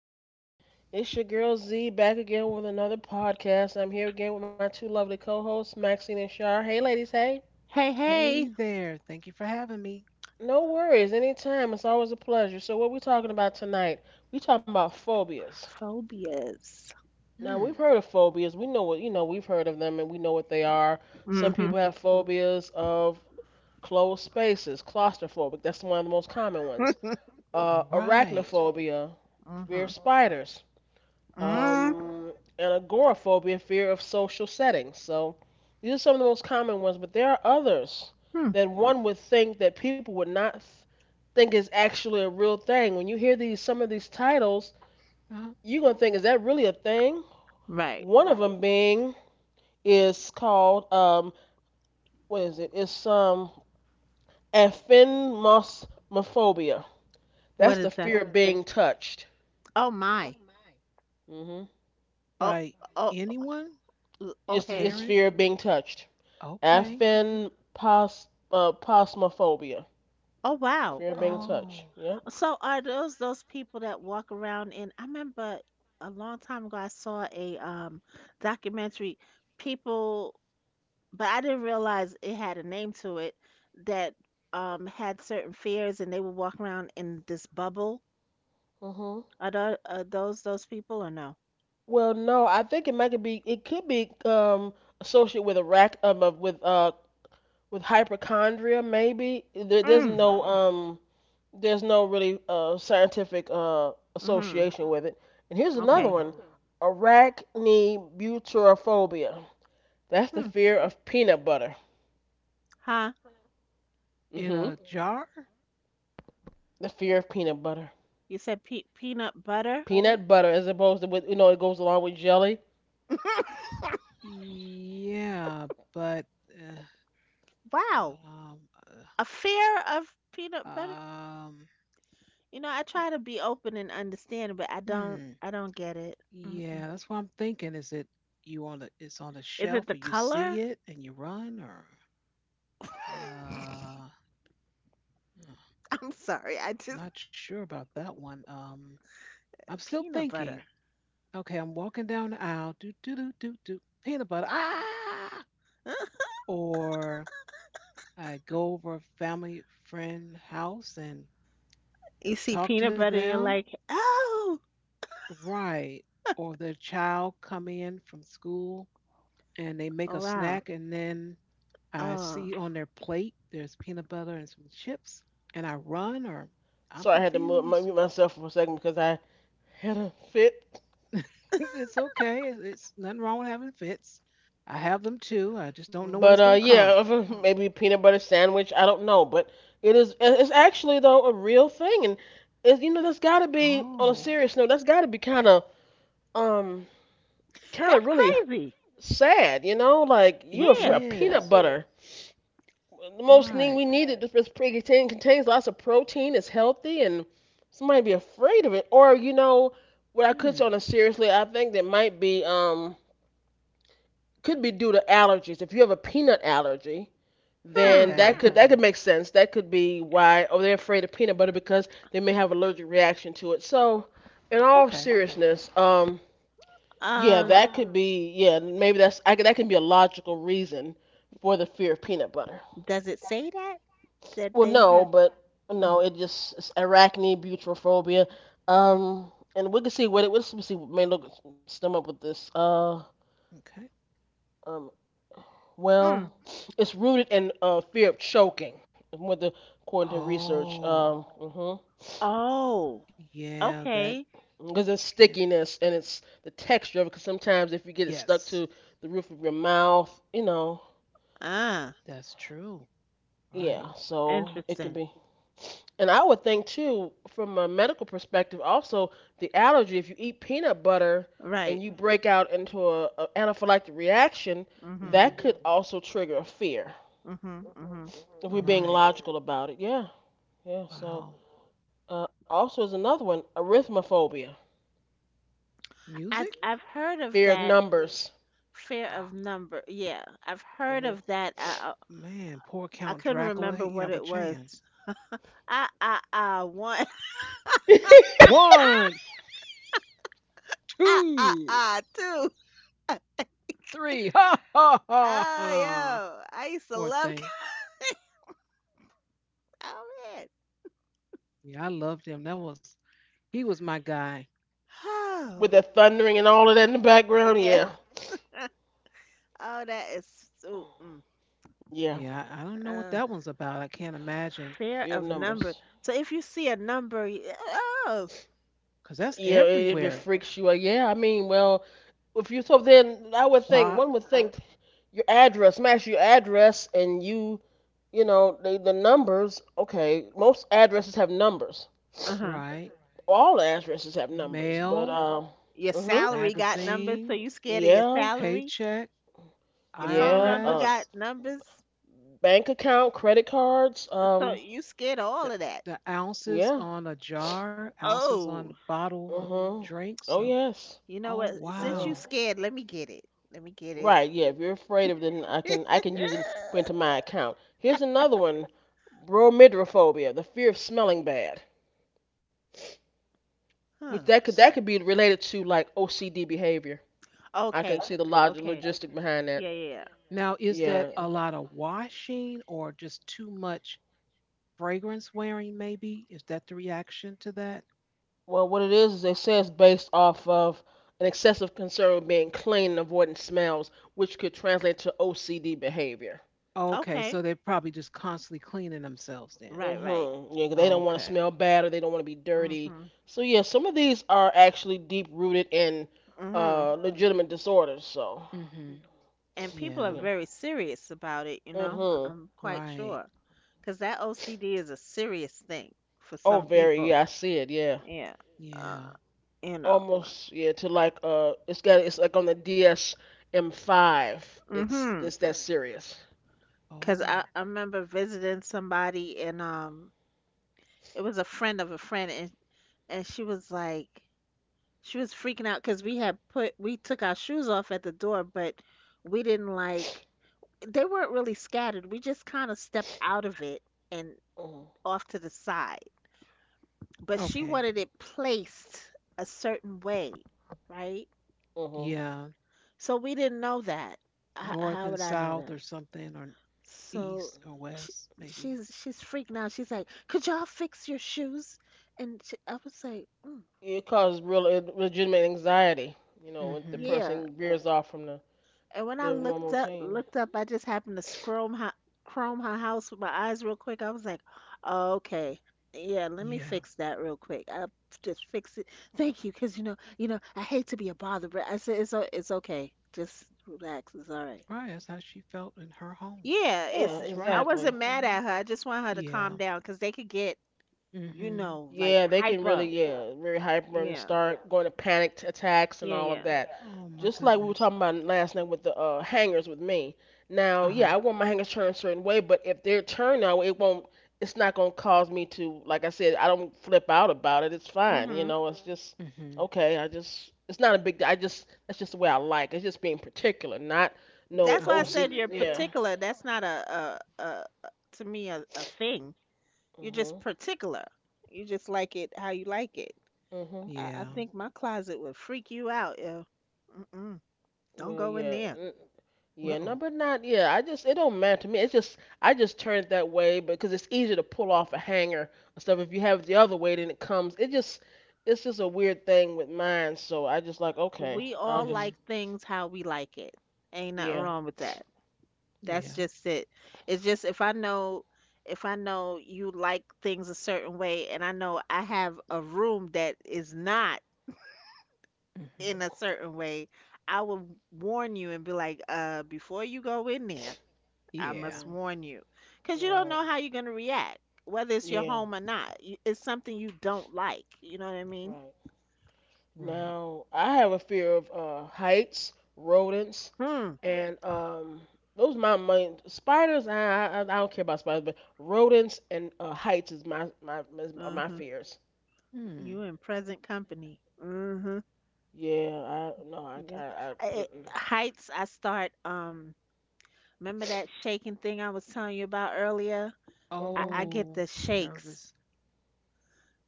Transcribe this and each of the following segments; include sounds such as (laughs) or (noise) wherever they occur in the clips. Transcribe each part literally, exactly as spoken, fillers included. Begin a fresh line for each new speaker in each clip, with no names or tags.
evening. It's your girl Z back again with another podcast. I'm here again with my two lovely co hosts, Maxine and Shar. Hey, ladies, hey.
Hey, hey.
Hey there. Thank you for having me.
No worries, anytime. It's always a pleasure. So, what are we talking about tonight? We talking about phobias.
Phobias.
Now,
Hmm.
we've heard of phobias. We know what, you know, we've heard of them and we know what they are. Some
Hmm.
people have phobias of closed spaces, claustrophobic. That's one of the most common ones. Uh,
Right.
arachnophobia, fear of
Hmm.
spiders
Yes.
um, and agoraphobia, fear of social settings. So these are some of the most common ones, but there are others
Hmm.
that one would think that people would not think is actually a real thing. When you hear these some of these titles,
Uh-huh.
you're gonna think, is that really a thing?
Right.
One of them being is called um, what is it? It's um, aphenmophobia.
What
That's the
is that?
fear of being touched.
Oh my.
Mm hmm
Oh,
By
oh,
anyone?
oh,
A
It's
okay.
it's
parent?
fear of being touched.
Okay.
Afin pos uh, posmophobia,
Oh wow.
fear of being touched.
Oh.
Yep.
So are those those people that walk around in I remember a long time ago I saw a um documentary people but I didn't realize it had a name to it that um had certain fears, and they would walk around in this bubble.
Hmm.
Are, tho- are those those people or no?
Well, no, I think it might be. It could be um associated with a rack um of, with uh with hypochondria maybe. There, there's
Mm.
Hmm.
no um there's no really uh scientific uh association with it. And here's another
Okay.
Okay.
one: arachnobuterophobia. That's the
Hmm.
fear of peanut butter.
Huh?
In
Hmm.
a jar?
The fear of peanut butter.
You said pe- peanut butter?
Peanut butter, as opposed to with you know it goes along with jelly.
(laughs)
Yeah, but uh,
Wow.
um
A fear of peanut
uh,
butter?
um
You know, I
uh,
try to be open and understanding, but I don't
Hmm.
I don't get it.
Yeah,
Mm-mm.
that's what I'm thinking. Is it you on the it's on the
Is
shelf
it the
and you
color?
see it and you run or
(laughs)
uh uh,
I'm sorry. I just
not sure about that one. Um I'm still
peanut butter.
thinking, okay, I'm walking down the aisle, do do do do do peanut butter. Ah,
(laughs)
or I go over a family friend house and
You see
talk to
peanut butter and you're
them.
like, "Oh,
Right. Or their child come in from school and they make
oh
a
wow.
snack and then I
Oh.
see on their plate there's peanut butter and some chips and I run or I'm
So I had to mute
confused.
myself for a second because I had a fit.
(laughs) it's okay. It's, it's nothing wrong with having fits. I have them too. I just don't know when
But
it's
uh,
going to come.
yeah, (laughs) maybe peanut butter sandwich. I don't know, but it is. It's actually though a real thing, and it's you know that's got to be on a
Oh,
serious note. That's got to be kind of um kind
That's
of really
crazy."
sad. You know, like you are
it
for a yeah,
Yeah.
peanut
is.
butter. The most thing we
Right.
need it pre- contains lots of protein. It's healthy, and somebody be afraid of it. Or you know what I could
Hmm.
say on a seriously, I think there might be um could be due to allergies. If you have a peanut allergy, then
Hmm.
that
Okay.
could that Mm. could make sense. That could be why, or they're afraid of peanut butter because they may have allergic reaction to it. So, in all
Okay.
seriousness, um, yeah,
Um
that could ah be, yeah, maybe that's I, could- that can be a logical reason for the fear of peanut butter.
does it say that that
Well,
they
no,
have
but
mm,
no, it just it's arachne, butyrophobia, um, and we can see what it. Let's see, what may look stem up with this. Uh,
Okay.
um, Well,
mm.
it's rooted in uh, fear of choking, whether according to research.
Oh,
Um, hmm
Oh,
yeah, that
okay.
Because it's
can.
stickiness and it's the texture of it. Because sometimes if you get it stuck
Yes,
to the roof of your mouth, you know,
Ah,
that's true. Right.
yeah. So it can
interesting.
be. And I would think too, from a medical perspective, also the allergy. If you eat peanut butter and
Right.
you break out into a, a anaphylactic reaction,
Mhm.
Hmm.
that could also trigger a fear.
Mhm. Mhm.
If we're being
Mhm.
Right.
logical about it, yeah, yeah. So.
Wow.
Uh, also, is another one arithmophobia,
I
Music?
I've heard of
fear of
that,
numbers.
fear of
(gasps)
number. Yeah, I've heard
Hmm.
of that. I I,
Man, poor
I
Count
couldn't
Dracula.
remember
He
what
have a
it was.
chance.
Ah ah ah one. (laughs)
(laughs)
Ah
One,
ah ah
two,
ah two. (laughs)
three. (laughs) Ha ha ha
Oh
ha.
yo, I used to
Poor
love.
thing.
(laughs) Oh man.
Yeah, I loved him. That was, he was my guy.
With
Oh
the thundering and all of that in the background,
yes.
yeah,
(laughs) Oh that is so. Mm.
yeah,
Yeah, I I don't know what
uh,
that one's about. I can't imagine,
Fear
fear of
of numbers.
numbers.
So if you see a number, y- oh,
because that's
Yeah, it, it
everywhere.
freaks you out. Yeah, I mean, well, if you so then I would think
Clock,
one would think your address, match your address, and you, you know, the the numbers. Okay, most addresses have numbers.
uh-huh.
right?
All addresses have numbers, but
Mail,
um,
Your
uh, mhm,
salary got numbers, so
magazine,
you scared of your
yeah,
salary?
paycheck,
Your phone
yeah,
number
uh,
got
I R S,
numbers,
bank account, credit cards,
so
um,
you scared of all
the,
of that.
the ounces
yeah.
on a jar, ounces on the
Oh,
bottles of
Mhm.
drinks.
Oh
So,
yes.
you know
oh,
what?
Oh
Since
yeah.
you
wow.
scared, let me get it. Let me get it.
Right. Yeah. If you're afraid of it, then I can I can use it
(laughs)
put into my account. Here's another one: bromidrophobia, the fear of smelling bad. Which
Huh.
that could
S-
that could be related to like O C D behavior. I can
Okay.
see the log-
Okay.
logistic behind that.
Yeah, yeah,
Now, is that
Yeah.
a lot of washing or just too much fragrance wearing, maybe? Is that the reaction to that?
Well, what it is is they say it's based off of an excessive concern with being clean and avoiding smells, which could translate to O C D behavior.
yeah.
Okay,
Okay.
so they're probably just constantly cleaning themselves then.
Right, right.
Mm-hmm. Yeah, 'cause they don't want to
Okay.
smell bad or they don't want to be dirty.
Mm-hmm.
So yeah, some of these are actually deep rooted in
Mm-hmm.
uh legitimate disorders. So
Hmm.
And people
Yeah,
are
yeah.
very serious about it, you know, I-
Mm-hmm.
I'm quite
right.
sure. Because that O C D is a serious thing for
Oh,
some
very.
people.
Yeah, I see it. Yeah,
Yeah.
Yeah.
Uh, you know.
almost. Yeah, to like uh, it's got it's like on the D S M five. It's
Mhm.
it's that serious.
Because
Oh.
I, I remember visiting somebody, and um it was a friend of a friend, and and she was like she was freaking out because we had put we took our shoes off at the door, but we didn't, like, they weren't really scattered. We just kind of stepped out of it and
Mm-hmm.
off to the side, but she
Okay.
wanted it placed a certain way, right?
Mm-hmm.
Yeah.
So we didn't know that. H-
North
how
and
would I know
south or
that?
something, or
So
east or
she,
west maybe.
she's she's freaking out. She's like, "Could y'all fix your shoes?" And she, I was like, mm,
It causes real uh, legitimate anxiety. You
Mm.
know, when the
Mhm.
"Yeah."
person veers off from the
And when I
their normal
looked up,
routine.
looked up, I just happened to scroll her, chrome her house with my eyes real quick. I was like, "Oh, okay, yeah, let me
Yeah.
fix that real quick. I just fix it. Thank you, because you know, you know, I hate to be a bother." But I said, it's o- it's okay. Just relax. It's all right."
Right, that's how she felt in her home.
Yeah,
Yeah,
it's.
She's
I
right.
exactly.
wasn't mad
Mm-hmm.
at her. I just want her to
Yeah.
calm down, because they could get,
Mm.
you
Mhm.
know, like,
Yeah, they can really,
hyper.
yeah, very hyper and
Yeah,
start going to panic t- attacks and
yeah,
all of
yeah.
that.
Oh my
Just like we were
goodness.
talking about last night with the uh, hangers with me. Now, yeah,
Uh-huh.
I want my hangers turned a certain way, but if they're turned now, it won't. It's not gonna cause me to, like I said, I don't flip out about it. It's fine, you
Mhm.
know. It's just
Mm. Mhm.
okay. I just, it's not a big. I just, that's just the way I like. It's just being particular, not no
That's why I
Uh-huh.
O C.
said you're
Yeah.
particular. That's not a a a to me a, a thing. You're just
Mhm.
particular. You just like it how you like it.
Mhm.
I,
Yeah.
I think my closet would freak you out. Yeah. Mm-mm, don't
Well,
go in
yeah.
there.
Yeah, no,
Uh-oh.
but not. Yeah, I just it don't matter to me. It's just I just turn it that way because it's easier to pull off a hanger and stuff. If you have it the other way, then it comes. It just it's just a weird thing with mine. So I just like okay,
We
Mm.
I'll
all
just
Mhm.
like things how we like it. Ain't nothing
yeah.
wrong with that. That's
Yeah.
just it. It's just, if I know if I know you like things a certain way, and I know I have a room that is not
Mm.
in
Mhm.
a certain way, I will warn you and be like, uh, before you go in there, I
Yeah.
must
Mhm.
warn you, because you don't
Right.
know how you're going to react, whether it's your
Yeah.
home or not. You- It's something you don't like. You know what I mean?
Right.
Right.
Now I have a fear of uh, heights, rodents,
Hmm.
and um those my main spiders. I, I I don't care about spiders, but rodents and uh, heights is my my is- are my
Mm-hmm.
fears.
Hmm.
You in present company. Mm-hmm.
Yeah, I no, I
Yeah.
I, I
I, I- Heights, I start. Um. Remember that shaking thing I was telling you about earlier? I,
mm-mm.
I
Hmm.
get
Oh,
the
you're
shakes.
nervous.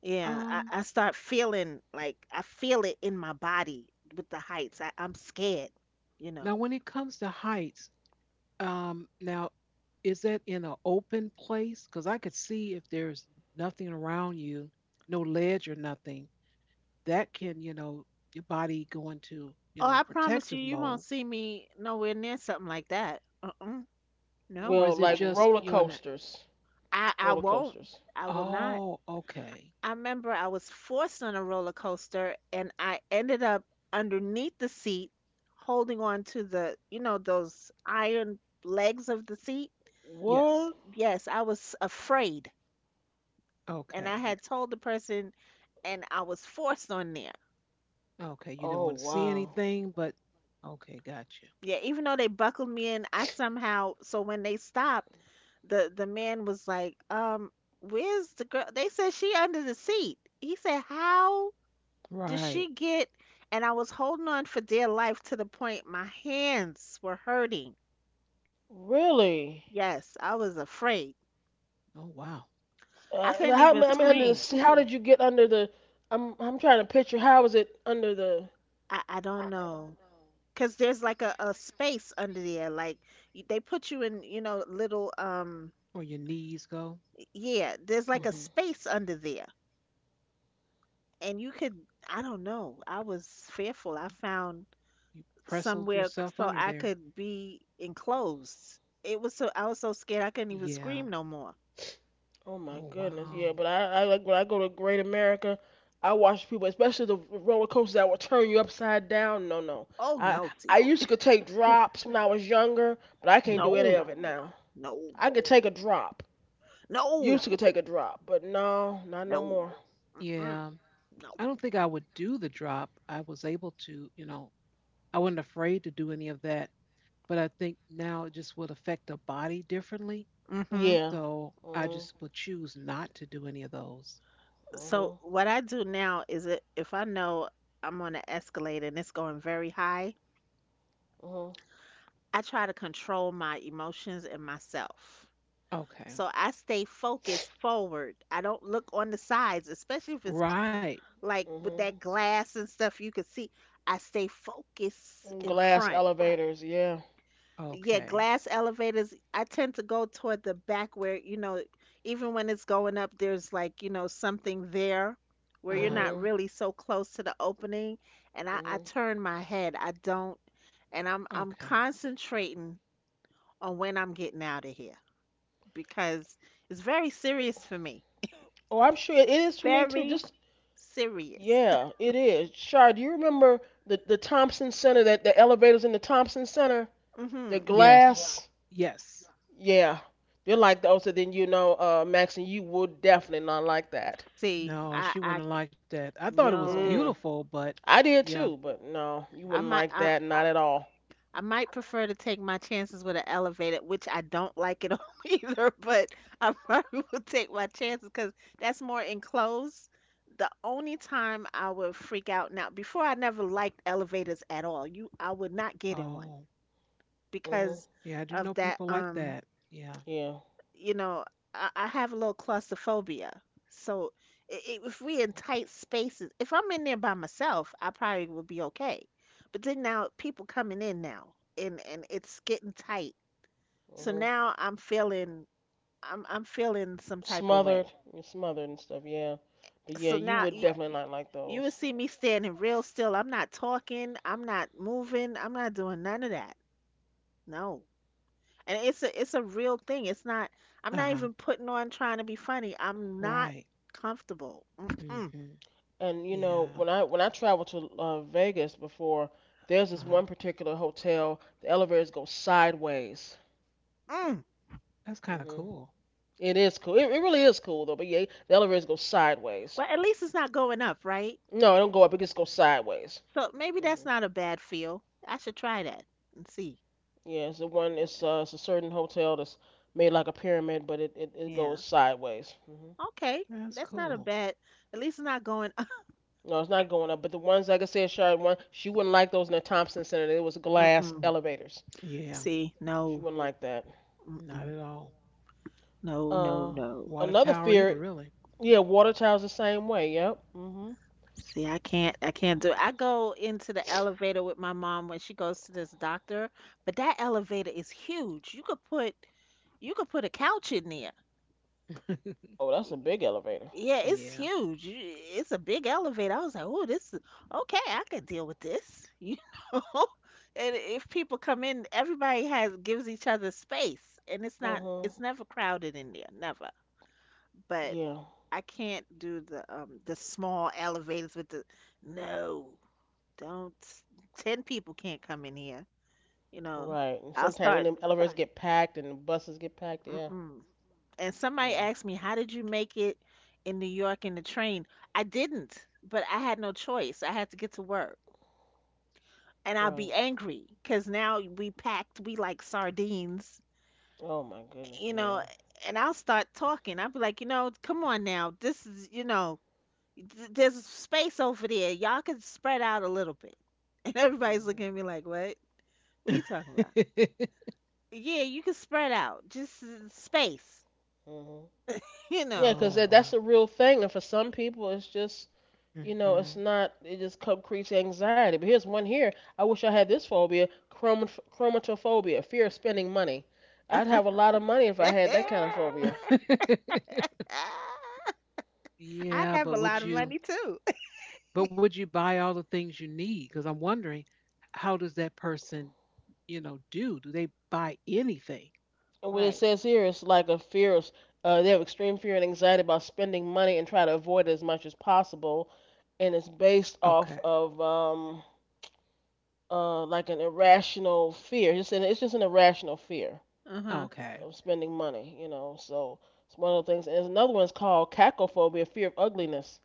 Yeah.
Um,
I, I start feeling like I feel it in my body with the heights. I, I'm scared. You know.
Now when it comes to heights, Um, now, is that in an open place? Because I could see if there's nothing around you, no ledge or nothing, that can, you know, your body go into, you
Oh,
know,
I promise
protective
you, you
mode.
won't see me nowhere near something like that. Uh-uh.
Or
No,
Well,
is it
like
just
roller
you're on the,
coasters,
I I
roller
won't.
coasters.
I will not.
oh, okay.
I remember I was forced on a roller coaster, and I ended up underneath the seat, holding on to the, you know, those iron legs of the seat.
Yes.
What?
Yes, I was afraid. And I
Okay. You,
had told the person, and I was forced on there.
okay. You didn't
Oh
want to see
wow,
anything, but okay, got you.
Yeah, even though they buckled me in, I somehow so when they stopped, the the man was like, "Um, where's the girl?" They said she under the seat. He said, "How did
Right.
she get?" And I was holding on for dear life to the point my hands were hurting.
really?
Yes, I was afraid.
Oh, wow.
Uh,
I
so
couldn't
how
even
I mean, under
scream.
the, how did you get under the? I'm I'm trying to picture how is it under the?
I I don't know. know, 'cause there's like a, a space under there. Like y- they put you in, you know, little um
Or your knees go.
yeah, there's like a
Hmm.
space under there. And you could I don't know, I was fearful. I found
You pressled
somewhere, c-
yourself
so
under
I
there.
could be enclosed. It was so I was so scared I couldn't even
Yeah.
scream no more.
Oh my
Oh,
goodness, yeah.
wow.
But I I like when I go to Great America, I watch people, especially the roller coasters that will turn you upside down. No, no.
Oh,
I
no, see.
I used to take drops when I was younger, but I can't do
Hmm.
any
No,
of it now.
no,
I could take a drop. Used
no,
to could take a drop, but no, not no
no.
more.
mm,
Yeah,
no.
I don't think I would do the drop. I was able to, you know, I wasn't afraid to do any of that, but I think now it just would affect the body differently.
Mm-hmm.
Yeah.
So I
Mhm.
just would choose not to do any of those.
Mhm.
So what I do now is, it if I know I'm on an escalator and it's going very high,
Mhm.
I try to control my emotions and myself,
Okay.
so I stay focused forward. I don't look on the sides, especially if it's
Right.
like with
Mhm.
that glass and stuff you could see. I stay focused
Mm,
in
glass
front.
elevators. Yeah.
Yeah,
Okay.
glass elevators, I tend to go toward the back where, you know, even when it's going up, there's like, you know, something there where you're
Uh-huh.
not
Mhm.
really so close to the opening. And I, I
Mhm.
turn my head. I don't. And I'm I'm
Okay.
concentrating on when I'm getting out of here, because it's very serious for me.
Oh, I'm sure it is for me too.
Very
Just
serious.
yeah, it is. Shar, do you remember the the Thompson Center that the elevators in the Thompson Center?
(laughs)
The
Hmm.
Yes.
glass.
Yes.
Yeah. They're like those. So then you know, uh, Maxine, you would definitely not like that.
See,
No,
I
she
I
wouldn't like that. I thought it was
no.
Mm-mm.
beautiful, but
I did
yeah.
too, but no, you
Mhm.
I
wouldn't
might
like
I,
that. Not at all.
I might prefer to take my chances with an elevator, which I don't like at all (laughs) either, but I probably will take my chances because that's more enclosed. The only time I would freak out now, before I never liked elevators at all. You I would not get in one
Oh,
Mhm.
because
yeah, I do
of
know
that
people like
um
that. Yeah.
Yeah.
you know, I, I have a little claustrophobia. So i- i- if we in tight spaces, if I'm in there by myself, I probably would be okay. But then now people coming in now, and and it's getting tight. So
Hmm.
now I'm feeling I'm I'm feeling some type of
Smothered,
way.
you're smothered and stuff. Yeah, but yeah,
So
you
now
would
you
definitely not like
you would
those.
see me standing real still. I'm not talking. I'm not moving. I'm not doing none of that. No. And it's a it's a real thing. It's not. I'm not
Uh-huh.
even putting on trying to be funny. I'm not
Right.
comfortable. Mm-mm,
Mm-hmm.
And you
Yeah.
know, when I when I traveled to uh, Vegas before, there's this
Uh-huh.
one particular hotel. The elevators go sideways.
mm.
That's kind of
Hmm.
cool.
It is cool. It, it really is cool though. But yeah, the elevators go sideways.
Well, at least it's not going up, right?
No, it don't go up. It just goes sideways.
So maybe
Hmm.
that's not a bad feel. I should try that and see.
Yeah, it's the one. It's uh, it's a certain hotel that's made like a pyramid, but it it, it
Yeah.
goes sideways. Hmm.
Okay.
That's
That's not a
cool.
bad. At least it's not going up.
No, it's not going up. But the ones, like I said, Shard one, she wouldn't like those in the Thompson Center. There was
(laughs)
glass
Mm-mm.
elevators.
Yeah,
See,
She
no.
wouldn't like that.
not
Mm-mm.
at all.
No, no,
Uh,
no.
Water
Another
tower either,
fear,
really.
yeah, water towers the same way. Yep. Mhm.
See, I can't I can't do it. I go into the elevator with my mom when she goes to this doctor, but that elevator is huge. You could put You could put a couch in there.
(laughs)
Oh, that's a big elevator.
Yeah, it's
Yeah.
huge. You- It's a big elevator. I was like, oh, this is okay. I could deal with this, (laughs) you know. And if people come in, everybody has gives each other space, and it's not
Mhm.
it's never crowded in there, never. But
Yeah.
I can't do the um the small elevators with the no, don't. Ten people can't come in here. You know,
Right. And
I'll
sometimes when them
start.
elevators get packed and the buses get packed, yeah.
Mm-mm. And
Yeah.
somebody asked me, "How did you make it in New York in the train?" I didn't, but I had no choice. I had to get to work. And I'll
Right.
be angry because now we packed, we like sardines,
Oh my goodness.
you
Yeah.
know, and I'll start talking. I'll be like, you know, come on now. This is, you know, th- there's space over there. Y'all can spread out a little bit. (laughs) And everybody's
Mhm.
looking at me like, what? What are you
(laughs)
talking about? Yeah, you can spread out. Just uh, space,
Mhm.
(laughs) you
Yeah,
know.
'cause
Oh
that, that's
wow.
a real thing, and for some people, it's just you know,
Hmm.
it's not. It just co- creates anxiety. But here's one here. I wish I had this phobia: chromat- chromatophobia, fear of spending money. I'd have a lot of money if I had that kind of phobia.
(laughs)
(laughs)
I'd
Yeah,
have a
but
lot of
would
money
you?
too. (laughs)
But would you buy all the things you need? Because I'm wondering, how does that person, you know, do? Do they buy anything?
And what it
Right.
says here is like a fear of, uh, they have extreme fear and anxiety about spending money and try to avoid it as much as possible. And it's based
Okay.
off of um, uh, like an irrational fear. It's, an, it's just an irrational fear
Uh-huh.
Okay.
of spending money, you know. So it's one of the things. And there's another one's called cacophobia, fear of ugliness.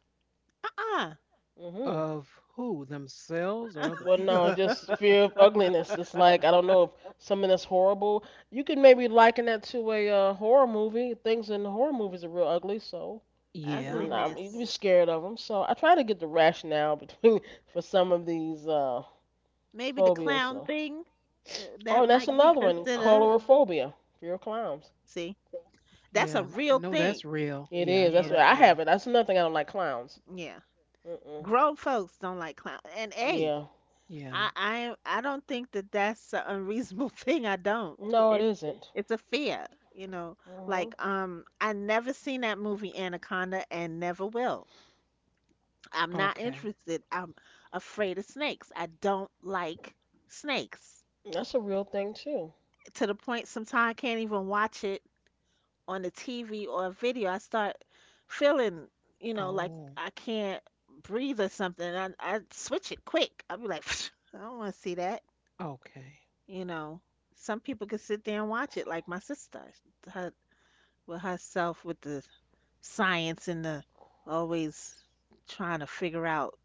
Uh-uh.
Hmm.
Of who? Themselves or other
Well, no,
people?
just fear of ugliness. It's like I don't know if something that's horrible. You can maybe liken that to a uh, horror movie. Things in horror movies are real ugly, so
(laughs)
and
Yeah.
um, you can be
Ugliness.
scared of them. So I try to get the rationale between (laughs) for some of these uh,
Maybe the
phobias.
clown
So.
thing, uh,
Oh,
that
and that's
might be
another one,
considered.
colorophobia, fear of clowns.
See, that's a
Yeah. I
real
know
thing.
that's real.
It
Yeah,
is.
I know
That's
Yeah.
right.
that
I have
real.
it. That's another thing. I don't like clowns.
Yeah,
Mm-mm.
grown folks don't like clown. And a,
Yeah.
Yeah.
I I I don't think that that's an unreasonable (laughs) thing. I don't.
No, it
It's
isn't.
it's a fear, you know.
Mm-hmm.
Like um, I never seen that movie Anaconda, and never will. I'm not
Okay.
interested. I'm afraid of snakes. I don't like snakes.
That's a real thing too.
To the point sometimes I can't even watch it on the T V or a video. I start feeling, you know, like,
Oh,
I can't breathe or something. I I switch it quick. I'll be like, (sniffs) I don't want to see that.
okay.
You know, some people can sit there and watch it, like my sister, her, with herself with the science and the always trying to figure out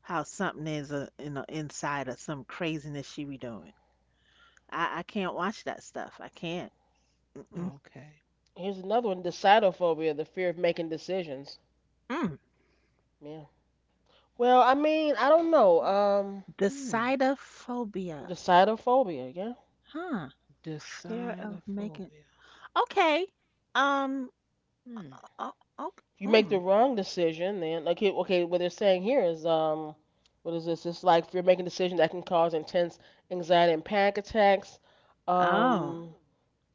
how something is a, you know inside of some craziness she be doing. I, I can't watch that stuff. I can't. Mm-mm.
Okay.
Here's another one: decidophobia, the fear of making decisions.
Mm.
Yeah. Well, I mean, I don't know. Um,
Hmm.
Decidophobia.
decidophobia. Yeah.
Huh. Fear of making.
Decidophobia.
Okay. Um.
Hmm.
Oh. Oh,
If you make the
mm.
wrong decision, then okay, okay. What they're saying here is, um, what is this? It's like if you're making decisions that can cause intense anxiety and panic attacks.
Oh.
Um,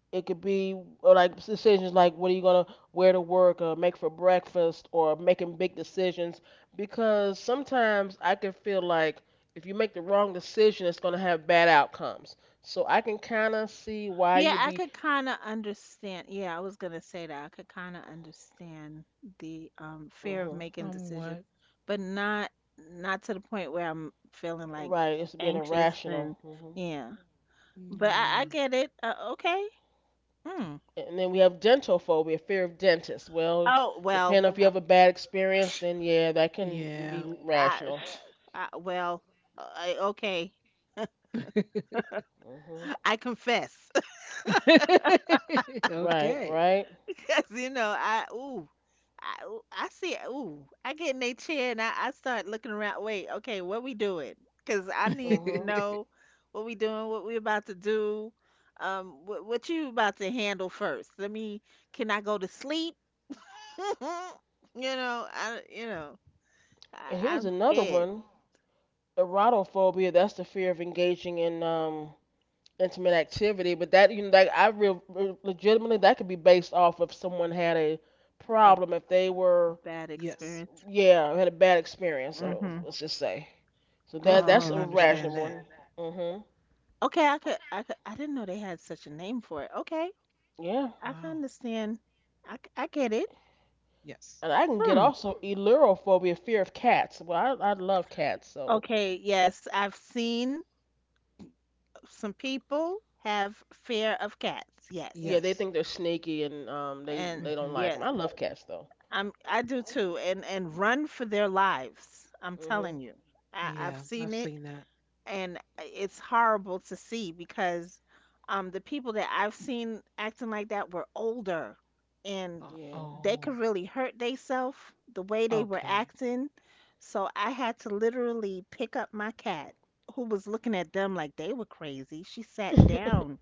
It could be or like decisions like what are you gonna wear to work or make for breakfast or making big decisions because sometimes I can feel like if you make the wrong decision, it's gonna have bad outcomes. So I can kind of see why you
Yeah,
would
I
be
could kind of understand. Yeah, I was gonna say that. I could kind of understand the um fear of
hmm
making decisions,
Somewhat.
but not not to the point where I'm feeling like
right. It's being
anxious, and
irrational. Hmm.
yeah. But I, I
Yeah.
get it. Uh, okay. Mm.
And then we have dental phobia, fear of dentists. Well,
Oh, well.
depending if you have a bad experience,
(sniffs)
then yeah, that can
Yeah.
be
I,
rational.
(sniffs) I well. I, okay.
Hmm.
I confess,
(laughs)
Right,
Okay.
right.
(laughs) because you know I ooh. I, ooh, I see. Ooh, I get in a chair and I, I start looking around. Wait, okay, what we doing? Cause I need
hmm
to
(laughs)
know what we doing, what we about to do, um, what, what you about to handle first. Let me. Can I go to sleep? (laughs) you know, I you know, I,
And here's
I'm
another
scared.
one. Erotophobia, that's the fear of engaging in um intimate activity, but that you know, like I real legitimately that could be based off if someone had a problem if they were
Bad
Yes.
experience.
yeah had a bad experience. uh,
Mm-hmm.
Let's just say so that
Definitely can
that's a
Oh.
understand
rational
that.
one. Mhm.
Okay, I could, I could, I didn't know they had such a name for it. Okay,
Yeah,
I can
Wow.
understand. I, c- I get it.
Yes.
and I can get
Hmm.
also elurophobia, fear of cats. Well, I I love cats, so
Okay, yes, I've seen some people have fear of cats.
yeah,
Yes.
they
Yes.
think they're sneaky and um they
And
they don't
Mm-hmm.
like them.
yes,
I love cats though.
I'm I do too. And and run for their lives. I'm
Mhm.
telling you. I,
Yeah.
I've
I've
seen it,
seen that.
and uh, it's horrible to see, because um the people that I've seen acting like that were older, and
Uh,
Yeah.
they
oh.
could really hurt theyself the way they were
Okay.
acting. So I had to literally pick up my cat, who was looking at them like they were crazy. She sat down,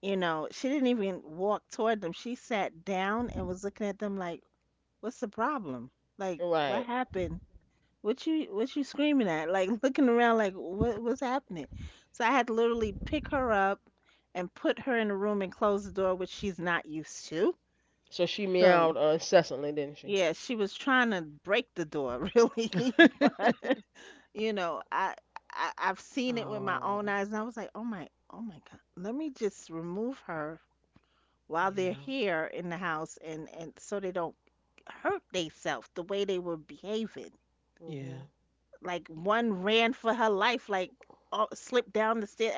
you know, she didn't even walk toward them. She sat down and was looking at them like, "What's the problem? Like, what
(laughs) Right.
happened?" What you what you screaming at? Like, (laughs) looking around like what what's happening? So I had to literally pick her up and put her in the room and close the door, which she's not used to.
So she
So
meowed uh, incessantly, didn't she?
yeah, she was trying to break the door, (laughs) really. But
(laughs)
you know, I, I I've seen it with my own
Oh.
eyes, and I was like, "Oh my, oh my God, let me just remove her while they're
Yeah.
here in the house," and, and so they don't hurt theyself the way they were behaving.
Yeah.
hmm
Like one ran for her life, like, uh, slipped down the stairs.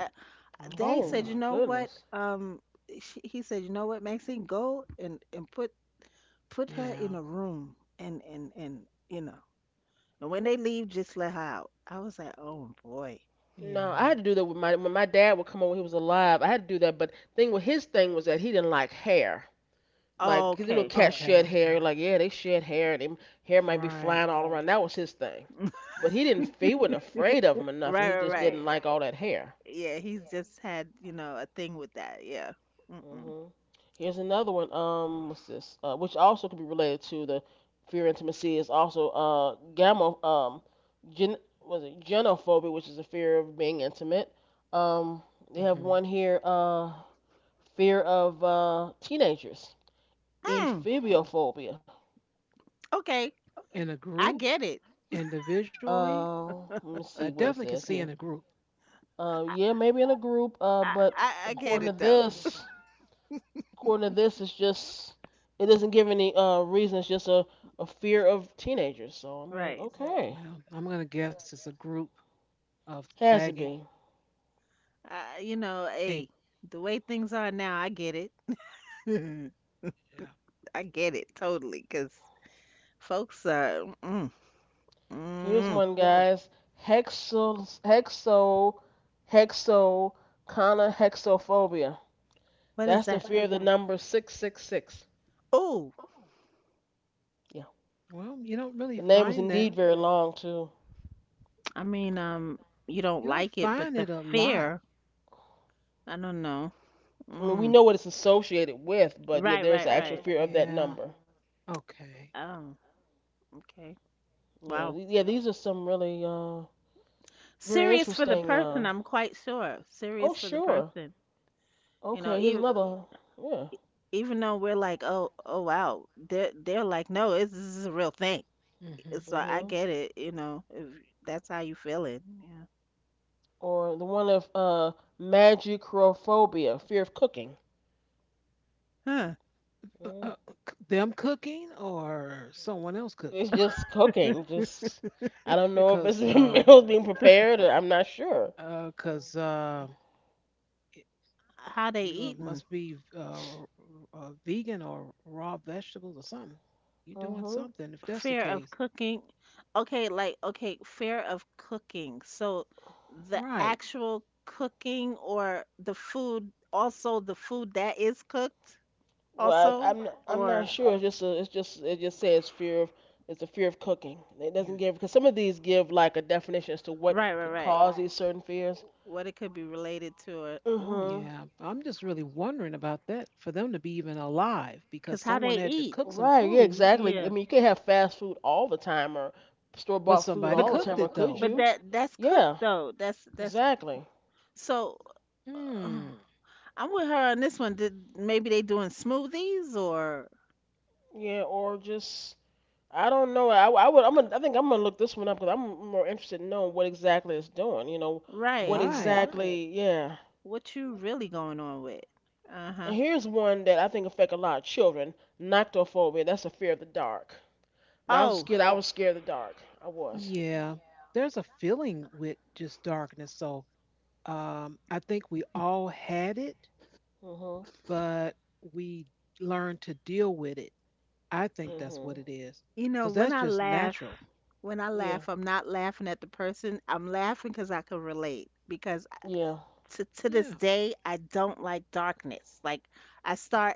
Oh
They
Oh
said,
boy.
"You
my
know what?"
goodness.
Um, she, he said, "You know what, Maxine, go and and put put her
Yeah.
in a room, and and and you know, and when they leave, just let her out." I was like, "Oh boy,
No,
Yeah.
I had to do that with my when my dad would come over when he was alive. I had to do that, but thing with his thing was that he didn't like hair. Like 'cause you know,
okay,
cats shed
Okay.
hair. Like yeah, they shed hair, and them hair might be
Right.
flying all around. That was his thing.
(laughs) right,
But he didn't. He wasn't afraid of (laughs) them or nothing. He
right,
just didn't
right."
like all that hair.
Yeah, he's just had, you know a thing with that. Yeah. Mm-mm.
hmm Here's another one. Um, what's this? Uh, which also could be related to the fear of intimacy is also uh gamma um gen, was it genophobia, which is a fear of being intimate. Um, they have
Mhm.
one here. Uh, fear of uh teenagers.
Mm,
Ephebiophobia.
okay,
In a
I
group,
get it.
individually,
Uh, Let me
I
see what it
definitely can
says
see in a
here.
group.
Uh,
I,
yeah, maybe in a group. Uh,
I
but
I I get
Mhm.
according to
it though.
this. According to this, it's just it doesn't give any uh reason. It's just a a fear of teenagers. So I'm like,
Right.
okay,
Well, I'm gonna guess it's a group of
has to
sagging
be.
Uh, you know,
pink.
hey, the way things are now, I get it. (laughs)
Yeah.
I get it totally, 'cause folks are. Mm,
Here's
mm,
one, guys. Hexo hexo hexo kana hexophobia.
what is
That's the
that?
fear of the number six six six.
Oh,
Yeah,
Well, you don't
the
really
name is
find that.
indeed very long too.
I mean, um, you
You
don't
don't
like it,
find
but
it
the
a lot.
fear. I don't know.
I mean, we
Mm,
know what it's associated with, but yeah,
right,
there's the
right,
actual
right.
fear of that
Yeah.
number.
Okay.
Oh, okay.
Yeah,
Wow.
yeah, these are some really uh very
Serious for the
interesting.
person,
Uh,
I'm quite sure.
oh
Serious for the
sure.
person. You know,
Okay, here's
e
another. Yeah.
even though we're like, "Oh, oh, wow." They're they're like, "No, it's, this is a real thing."
Mhm.
So I
Mhm.
get it, you know, if that's how you feeling. Yeah.
Or the one of uh magicrophobia, fear of cooking.
Huh.
Uh,
Mm.
uh, c- them cooking or someone else
It's
cooking?
just cooking. Just I don't know if
Cause
it's
uh,
meals (laughs) being prepared. Or I'm not sure.
uh, cause uh,
How they
You uh,
eating?
must be uh, r- r- uh, vegan or raw vegetables or something. You're doing
Mhm.
something if that's the
Fear of
case.
cooking. Okay, like, okay, fear of cooking. So the
Right.
actual cooking or the food, also the food that is cooked,
You,
Well, I-
also,
I'm I'm not
or
sure. It's just a, it's just it just says fear of it's a fear of cooking. It
you,
doesn't give because some of these give like a definition as to what
right, right,
could
right.
cause these certain fears.
What it could be related to, or ooh.
Mhm.
yeah, I'm just really wondering about that for them to be even alive because
'Cause how they
someone had to
eat.
cook some
Right, yeah,
food,
exactly. I
Yeah.
mean, you can't have fast food all the time or
but
store-bought food
somebody
But
all the
cooked
time, or
it
could
though.
but
you?
that that's cooked
Yeah,
though. That's that's
exactly.
so.
Hmm.
(sighs) I'm with her on this one. Did maybe they doing smoothies, or
Yeah, or just I don't know. I, I would I'm gonna, I think I'm gonna look this one up because I'm more interested in knowing what exactly it's doing. You know, what, right,
right?
Right.
exactly? Yeah.
What you really going on with? Uh huh.
And here's one that I think affect a lot of children. Noctophobia. That's a fear of the dark. Now I was
Oh,
scared. I was scared of the dark. I was.
Yeah. There's a feeling with just darkness. So um, I think we all had it,
Mhm.
but we learn to deal with it. I think that's what
Mhm.
it is,
you know
because
when
that's
I
just
laugh,
natural.
when I
Yeah.
laugh, I'm not laughing at the person. I'm laughing because I can relate. Because
Yeah.
to to this
Yeah.
day, I don't like darkness. Like, I start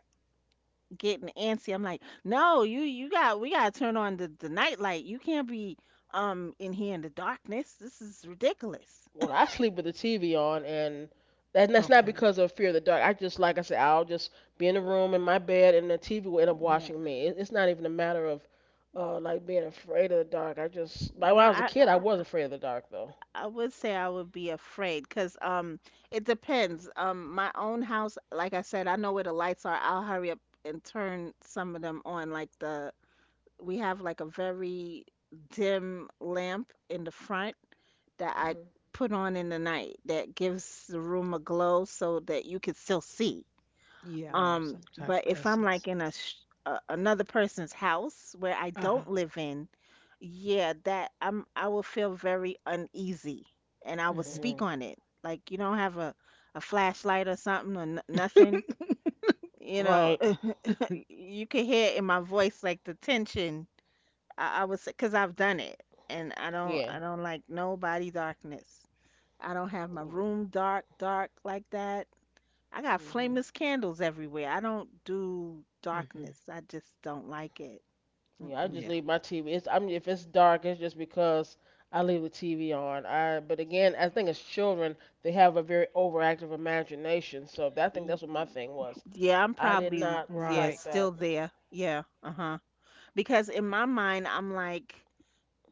getting antsy. I'm like, no, you you got we gotta turn on the the night light. You can't be um in here in the darkness. This is ridiculous.
Well, I sleep with the T V on, and and that's not
Okay.
because of fear of the dark. I just, like I said, I'll just be in the room in my bed, and the T V will end up
Yeah.
watching me. It, it's not even a matter of uh, like being afraid of the dark. I just, like when
No,
I was a
I,
kid, I was afraid of the dark, though.
I would say I would be afraid, because um it depends. Um my own house, like I said, I know where the lights are. I'll hurry up and turn some of them on. Like, the we have like a very dim lamp in the front that I
Hmm.
put on in the night that gives the room a glow so that you can still see.
Yeah.
Right.
Um,
Some type
but
of
if I'm like
essence.
in a, sh- a another person's house where I
Uh huh.
don't live in, yeah, that I'm I will feel very uneasy, and I will
Mhm.
Hmm.
speak on it. Like, you don't have a a flashlight or something, or n nothing,
(laughs)
you know,
Right.
(laughs) you can hear in my voice like the tension. I, I was, because I've done it, and I don't
Yeah.
I don't like nobody darkness. I don't have my
Yeah.
room dark dark like that. I got
Hmm.
flameless candles everywhere. I don't do
Mhm.
darkness. I just don't like it.
Yeah. I
Mm-mm.
just
Yeah.
leave my T V. It's, I mean, if it's dark, it's just because I leave the T V on. I. But again, I think as children, they have a very overactive imagination. So that, I think
Y-
that's what my thing was.
Yeah, I'm
I did
probably,
not
yeah,
Right.
like
still
that.
there. Yeah, uh-huh. Because in my mind, I'm like,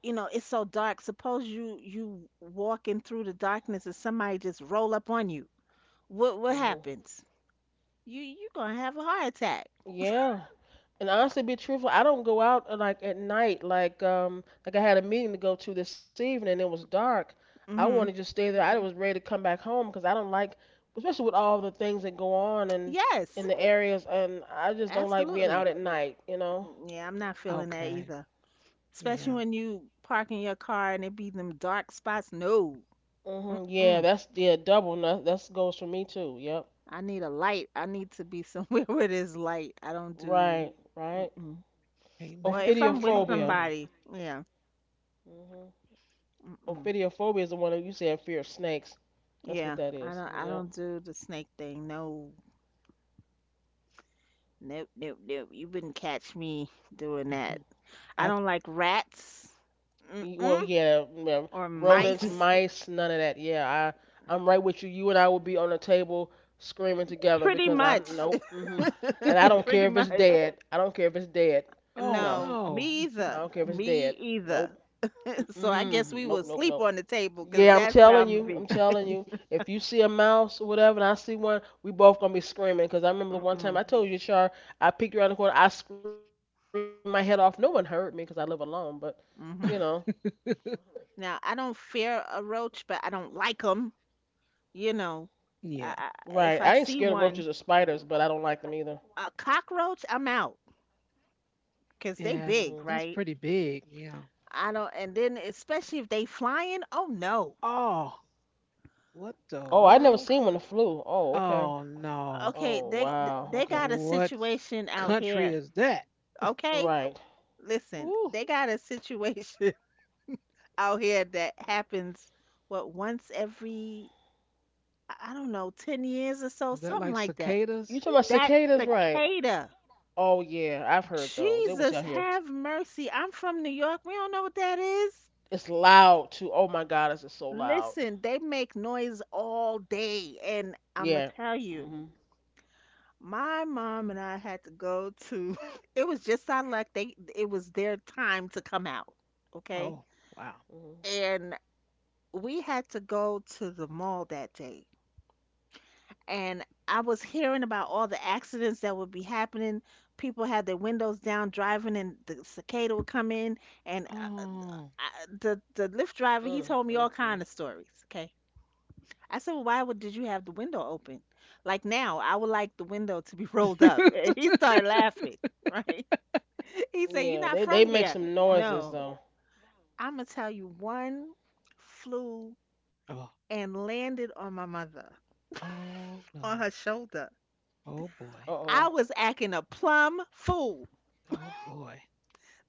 you know, it's so dark. Suppose you you walking through the darkness and somebody just roll up on you. What what
Hmm.
happens? You you gonna have a heart attack.
Yeah. And honestly, be truthful, I don't go out uh, like at night. Like um, like I had a meeting to go to this evening, and it was dark. I want to
Mm-hmm.
just stay there. I, mhm, was ready to come back home because I don't like, especially with all the things that go on and in
Yes,
the areas, and I just don't like being out
absolutely.
at night. You know.
Mm, yeah, I'm not feeling that
Okay.
either. Especially
Yeah.
when you park in your car and it be them dark spots. No,
Hmm. Yeah,
mm-mm.
that's yeah double. That that's goes for me too. Yep.
I need a light. I need to be somewhere (laughs) where there's light. I don't do.
Right. Right.
Mm-mm.
Can't
Or
man,
if I'm with
can't
Ophidiophobia.
blame you.
somebody, yeah,
hmm
mm-mm,
Ophidiophobia is the one that you said fear of snakes. That's what
yeah.
that
I
is.
don't. I
Yep.
don't do the snake thing. No, nope, nope, nope. You wouldn't catch me doing that.
Mhm.
I
I.
don't like rats.
E- Well,
Mm-mm.
yeah, yeah,
Or
rodents,
mice.
mice, none of that. Yeah, I, I'm right with you. You and I will be on the table screaming together
Pretty
because I'm
much.
nope. hmm And I
(laughs)
don't
(laughs)
Pretty
care if it's
much.
dead. I don't care if it's dead.
Oh
No,
No,
no.
me
I
either.
don't care if it's
Me
dead.
either.
Nope.
So I guess
Mm-mm.
we will
Nope. Nope.
sleep
Nope.
on the table, because
Yeah, I'm
that's where
telling
I'm gonna
you,
be.
I'm telling you. If you see a mouse or whatever, and I see one, we both gonna be screaming. Cause I remember the one time
Mm-mm.
I told you, Char, I peeked around the corner, I screamed my head off. No one heard me, cause I live alone. But you know,
Mm-hmm.
(laughs)
Now, I don't fear a roach, but I don't like them. You
right? I ain't
know,
scared of roaches or
I,
Yeah.
I,
spiders,
if
but
I
I don't
see
like them
one,
either.
a cockroach, I'm out,
hmm
because they
Yes.
big,
That's
right?
pretty big. Yeah.
I don't, and then especially if they flying. Oh no.
Oh, what the
Oh, I never
world?
seen one that flew. Oh, okay.
Oh no.
Okay,
Oh,
they
wow.
they
Okay.
got a
What
situation out here.
country is that?
Okay,
Right.
listen,
Ooh,
they got a situation (laughs) out here that happens, what, once every, I I don't know, ten years or so,
is that
something
like
like that.
You
cicadas?
talking about
That
cicadas, right?
cicada.
Oh yeah, I've heard those. It was
Jesus,
out here.
have mercy. I'm from New York. We don't know what that is.
It's loud too. Oh my God, is it so loud?
Listen, they make noise all day. And I'm going
Yeah.
to tell you,
Mhm.
my mom and I had to go to, (laughs) it was just our luck. They, it was their time to come out. Okay.
Oh, wow.
Mhm.
And we had to go to the mall that day, and I was hearing about all the accidents that would be happening. People had their windows down driving, and the cicada would come in. And, uh,
Oh.
I, the the Lyft driver, he
Mm,
told me all
mm,
kind of
mm.
stories. Okay, I said, well, why would did you have the window open? Like, now, I would like the window to be rolled up. (laughs)
(laughs)
And he started laughing. Right? (laughs)
Yeah,
He
they
said,
they
"You're
make
not
some
from here."
noises though.
No, I'm gonna tell you, one flew
Oh,
and landed on my mother,
oh
on her
no.
Uh
shoulder.
oh.
Oh boy.
I was acting a plum fool.
Oh boy.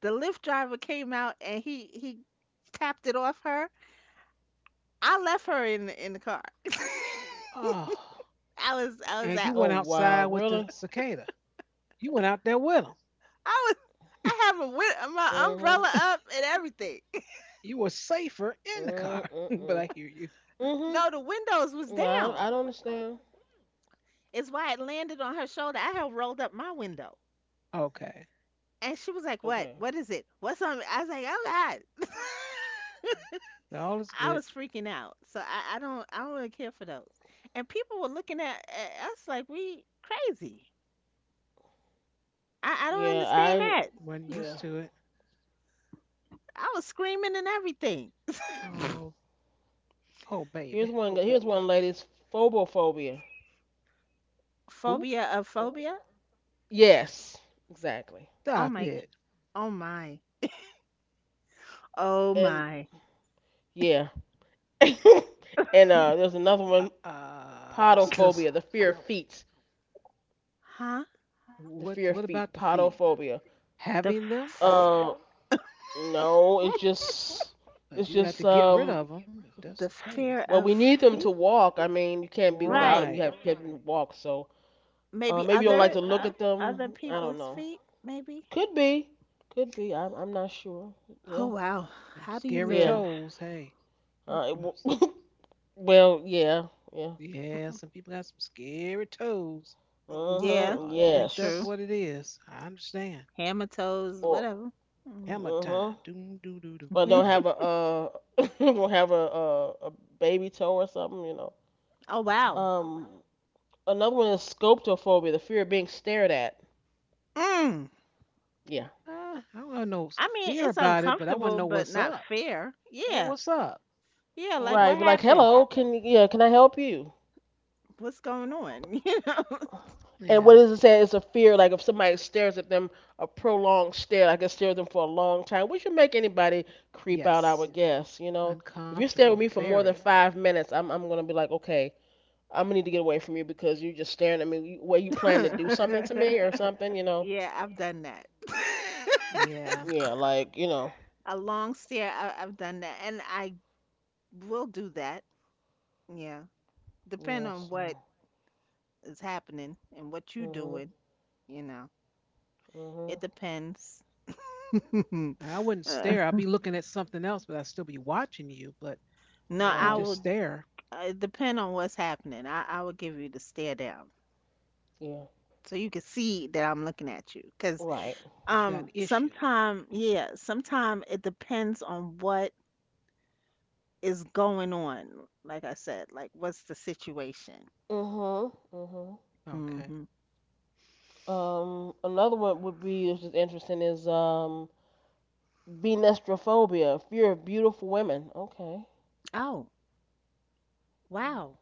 The Lyft driver came out, and he he tapped it off her. I left her in the- in the car. (laughs)
Oh.
I
Oh
was I was
And
wow,
you
out.
went
really?
outside with the cicada. You went out there with them.
I was I have a
Mhm.
win- My umbrella up
(laughs)
and everything. (laughs)
You were
Mm,
safer
mm,
in the
mm.
car, (laughs) but I hear you.
Mhm.
No, the
Yeah,
windows
I, I don't
was down.
understand.
It's why it landed on her shoulder. I had rolled up my window,
Okay.
and she was
Okay.
like, "What? What is it? What's on?" I was like, "Oh God." (laughs)
All is
I
good.
was freaking out. So I, I don't I don't really care for those. And people were looking at, at us like we crazy. I, I
Yeah,
don't understand
I.
that.
Wasn't
Yeah.
used to it.
I was screaming and everything.
Oh, oh baby.
Here's one. Here's one lady's phobophobia.
Who?
Phobia of phobia?
Yes, exactly.
Oh
Stop
my,
it.
oh my, oh
And
my. (laughs)
yeah. (laughs) And uh, there's another
Uh,
one.
uh, I'm still.
Podophobia, the fear of feet.
Huh?
The
What
fear of
What
feet.
about the feet?
Podophobia.
The
Having them,
f-
Uh, no, it's just.
because
It's
you have to
just
get rid
um
of them if that's the
the
case.
fear
Well,
of
we need them to
feet?
walk. I mean, you can't be without them.
Right.
You
Right.
have you have to walk. So uh,
Maybe
maybe you don't like
other
to look
uh,
at
other
them. I don't
people's
know.
feet, maybe?
Could be, could be. I'm I'm not sure.
Oh,
Yeah,
wow.
Them
How do you
scary
yeah.
live?
toes. Hey.
Uh,
I
it
Mm,
was-
w- (laughs) well, yeah, yeah.
Yeah, some people got some scary toes.
Uh
So
yeah,
huh.
I
it's
think that's
true.
what
Yes.
it is. I understand.
Hammer toes,
Or
whatever. Mm.
Hammer
Uh huh.
time. Doom, doo, doo, doo.
Or don't
Yeah.
have a uh (laughs) don't have a, a a baby toe or something. You know.
(laughs) Oh, wow.
Mm.
Um. Another one is sculptophobia, the fear of being stared at.
Mm.
Yeah.
Uh, I don't have no s-
I mean,
fear
it's
about it, but I want to
uncomfortable,
know
but
what's
not
up.
fair.
Wha-
Yeah,
what's up?
yeah.
Yeah.
Like,
Right.
what
But like,
happened?
hello. Can yeah? Can I help you?
What's going on? (laughs)
And what
Yeah.
is it saying? It's a fear, like if somebody stares at them, a prolonged stare, like I stare at them for a long time, which would make anybody creep out, I would
Yes.
guess, you know? If you're
Uncomfortable.
staring at me for more than
Very.
five minutes, I'm, I'm going to be like, okay, I'm going to need to get away from you because you're just staring at me. You- What, you plan to
You
do something
know?
to me
(laughs)
or something, you know?
Yeah, I've done that. (laughs)
Yeah.
Yeah, like, you know.
A long stare, I, I've done that. And I will do that. Yeah. Depend
Yeah,
on what
so.
is happening and what you
Hmm.
doing, you know. It
Hmm.
depends. (laughs)
I wouldn't
Uh,
stare. I'd be looking at something else, but I'd still be watching you, but I
no,
wouldn't
I
Right.
just
will.
stare,
Uh, it depend on what's happening. I, I will give you the stare down
Yeah.
so you can see that I'm looking at you. Cause,
that you
Right.
that you got an
um,
issue. (laughs)
sometime, yeah, sometime it depends on what is going on? Like I said, like, what's the situation?
Hmm. Hmm.
Okay.
Hmm.
Um, another one would be, which is interesting, is, um, Venestrophobia, fear of beautiful women. Okay.
Oh, wow.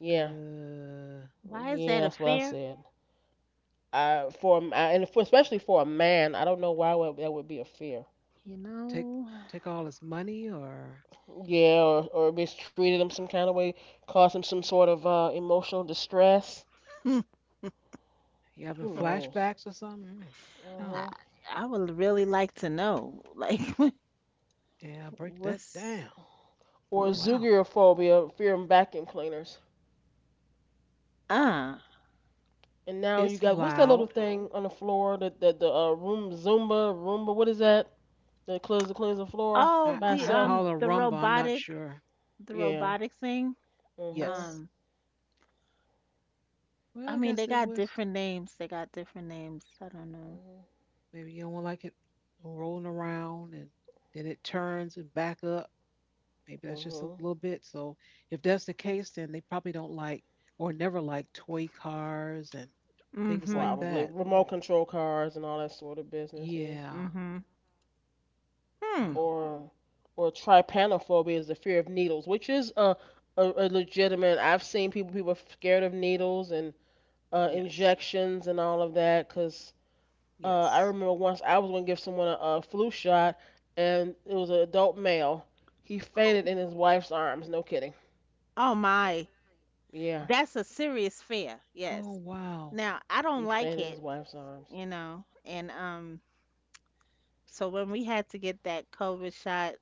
Yeah.
Uh,
Why is that
Yeah,
a
that's what I
fair?
said. I, for a m- I- And for, especially for a man, I don't know why would, that would be a fear.
You
take
know,
take all his money, or
Yeah, or or mistreated him some kind of way, caused him some sort of uh, emotional distress.
(sighs) hmm,
you having
Who knows?
flashbacks or something? Mm, no.
I,
Uh-huh.
I would really like to know. Like, (laughs)
Yeah, break that
what's
down. Oh
Or
what's
wow,
zoogoraphobia, fear of vacuum cleaners.
uh
And now you
it's
got what's that little
loud.
thing on the floor? That the the uh, room Zumba Roomba. What is that? That cleans the cleans the floor
oh,
I
by
the
I
itself.
um
call it a
the
rumba. I'm not
robotic
sure.
the
Yeah.
robotic thing.
Uh huh.
Yes.
Um,
Well,
I
I
mean
guess
they
it
got
was.
different names. They got different names. I don't know.
Mm-hmm.
Maybe you don't like it rolling around, and then it turns and back up. Maybe that's just a
Mm-hmm.
little bit. So if that's the case, then they probably don't like or never like toy cars and things like
Mm-hmm.
Probably
that.
remote control cars and all that sort of business, yeah.
Yeah.
Mm-hmm. Hmm.
Wow.
Or or trypanophobia is the fear of needles, which is a a, a legitimate. I've seen people people are scared of needles and uh,
Yes.
injections and all of that. Cause uh, I
Yes.
remember once I was gonna give someone a, a flu shot, and it was an adult male. He fainted in his wife's arms. No kidding.
Oh my.
Yeah,
That's a serious fear.
Oh,
Yes.
wow.
Now, I
he
don't like
fainted in
it,
his wife's arms.
you know, and um so when we had to get that COVID shot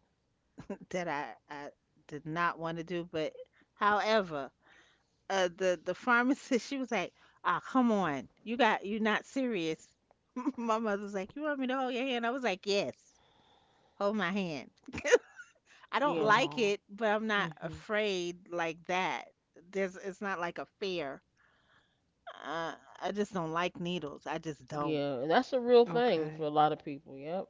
that I I did not want to do, but however, uh the the pharmacist (laughs) she was like, "Ah, come on. You got you not serious." (laughs) My mother was like, "You want me to hold your hand?" I was like, "Yes. Hold my hand." I don't
Yeah.
like
Oh.
it, but I'm not
Mhm.
afraid like that. There's It's not like a fear. Uh, I just don't like needles. I just don't.
Yeah, and that's a real thing for
Okay.
a lot of people. Yep.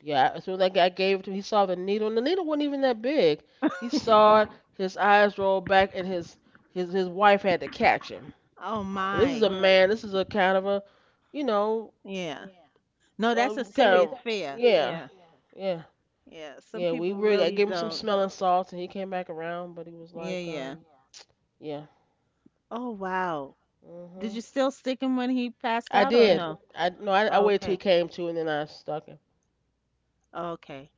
Yeah, as soon as that guy gave it to him, he saw the needle, and the needle wasn't even that big. He saw it, his eyes rolled back, and his his his wife had to catch him.
Oh
And this is a
my.
man. This is a kind of a, you know,
Yeah. No, that's a
um, kind
serious
of
fear.
yeah,
Yeah.
yeah,
Yeah. Some
yeah. We
people
really I
really
gave him some
don't.
smelling salts, and he came back around, but he was
Yeah,
like,
yeah.
um, yeah.
Oh wow. Did you
Mhm.
still stick him when he passed
I
out or
did.
no?
I no, I, I
Oh,
waited till he
okay.
came to, and then I stuck him.
Oh, okay.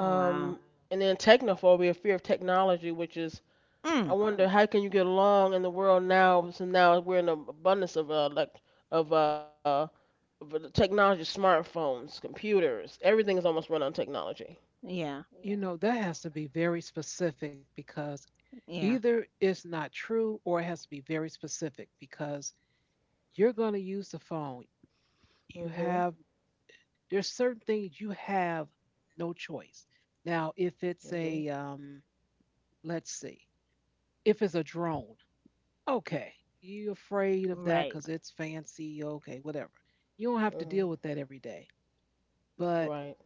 Oh wow.
and then technophobia, fear of technology, which is I
Mm.
wonder how can you get along in the world now since now we're in an abundance of uh, like of uh of the technology, smartphones, computers, everything is almost run on technology.
Yeah.
You know, that has to be very specific because
Yeah.
either it's not true or it has to be very specific because you're going to use the phone. You
Mhm.
have there's certain things you have no choice. Now, if it's
Mhm.
a um let's see. If it's a drone, okay, you afraid of that
Right.
because it's fancy. Okay, whatever. You don't have to deal
Mhm.
with that every day. But
Right.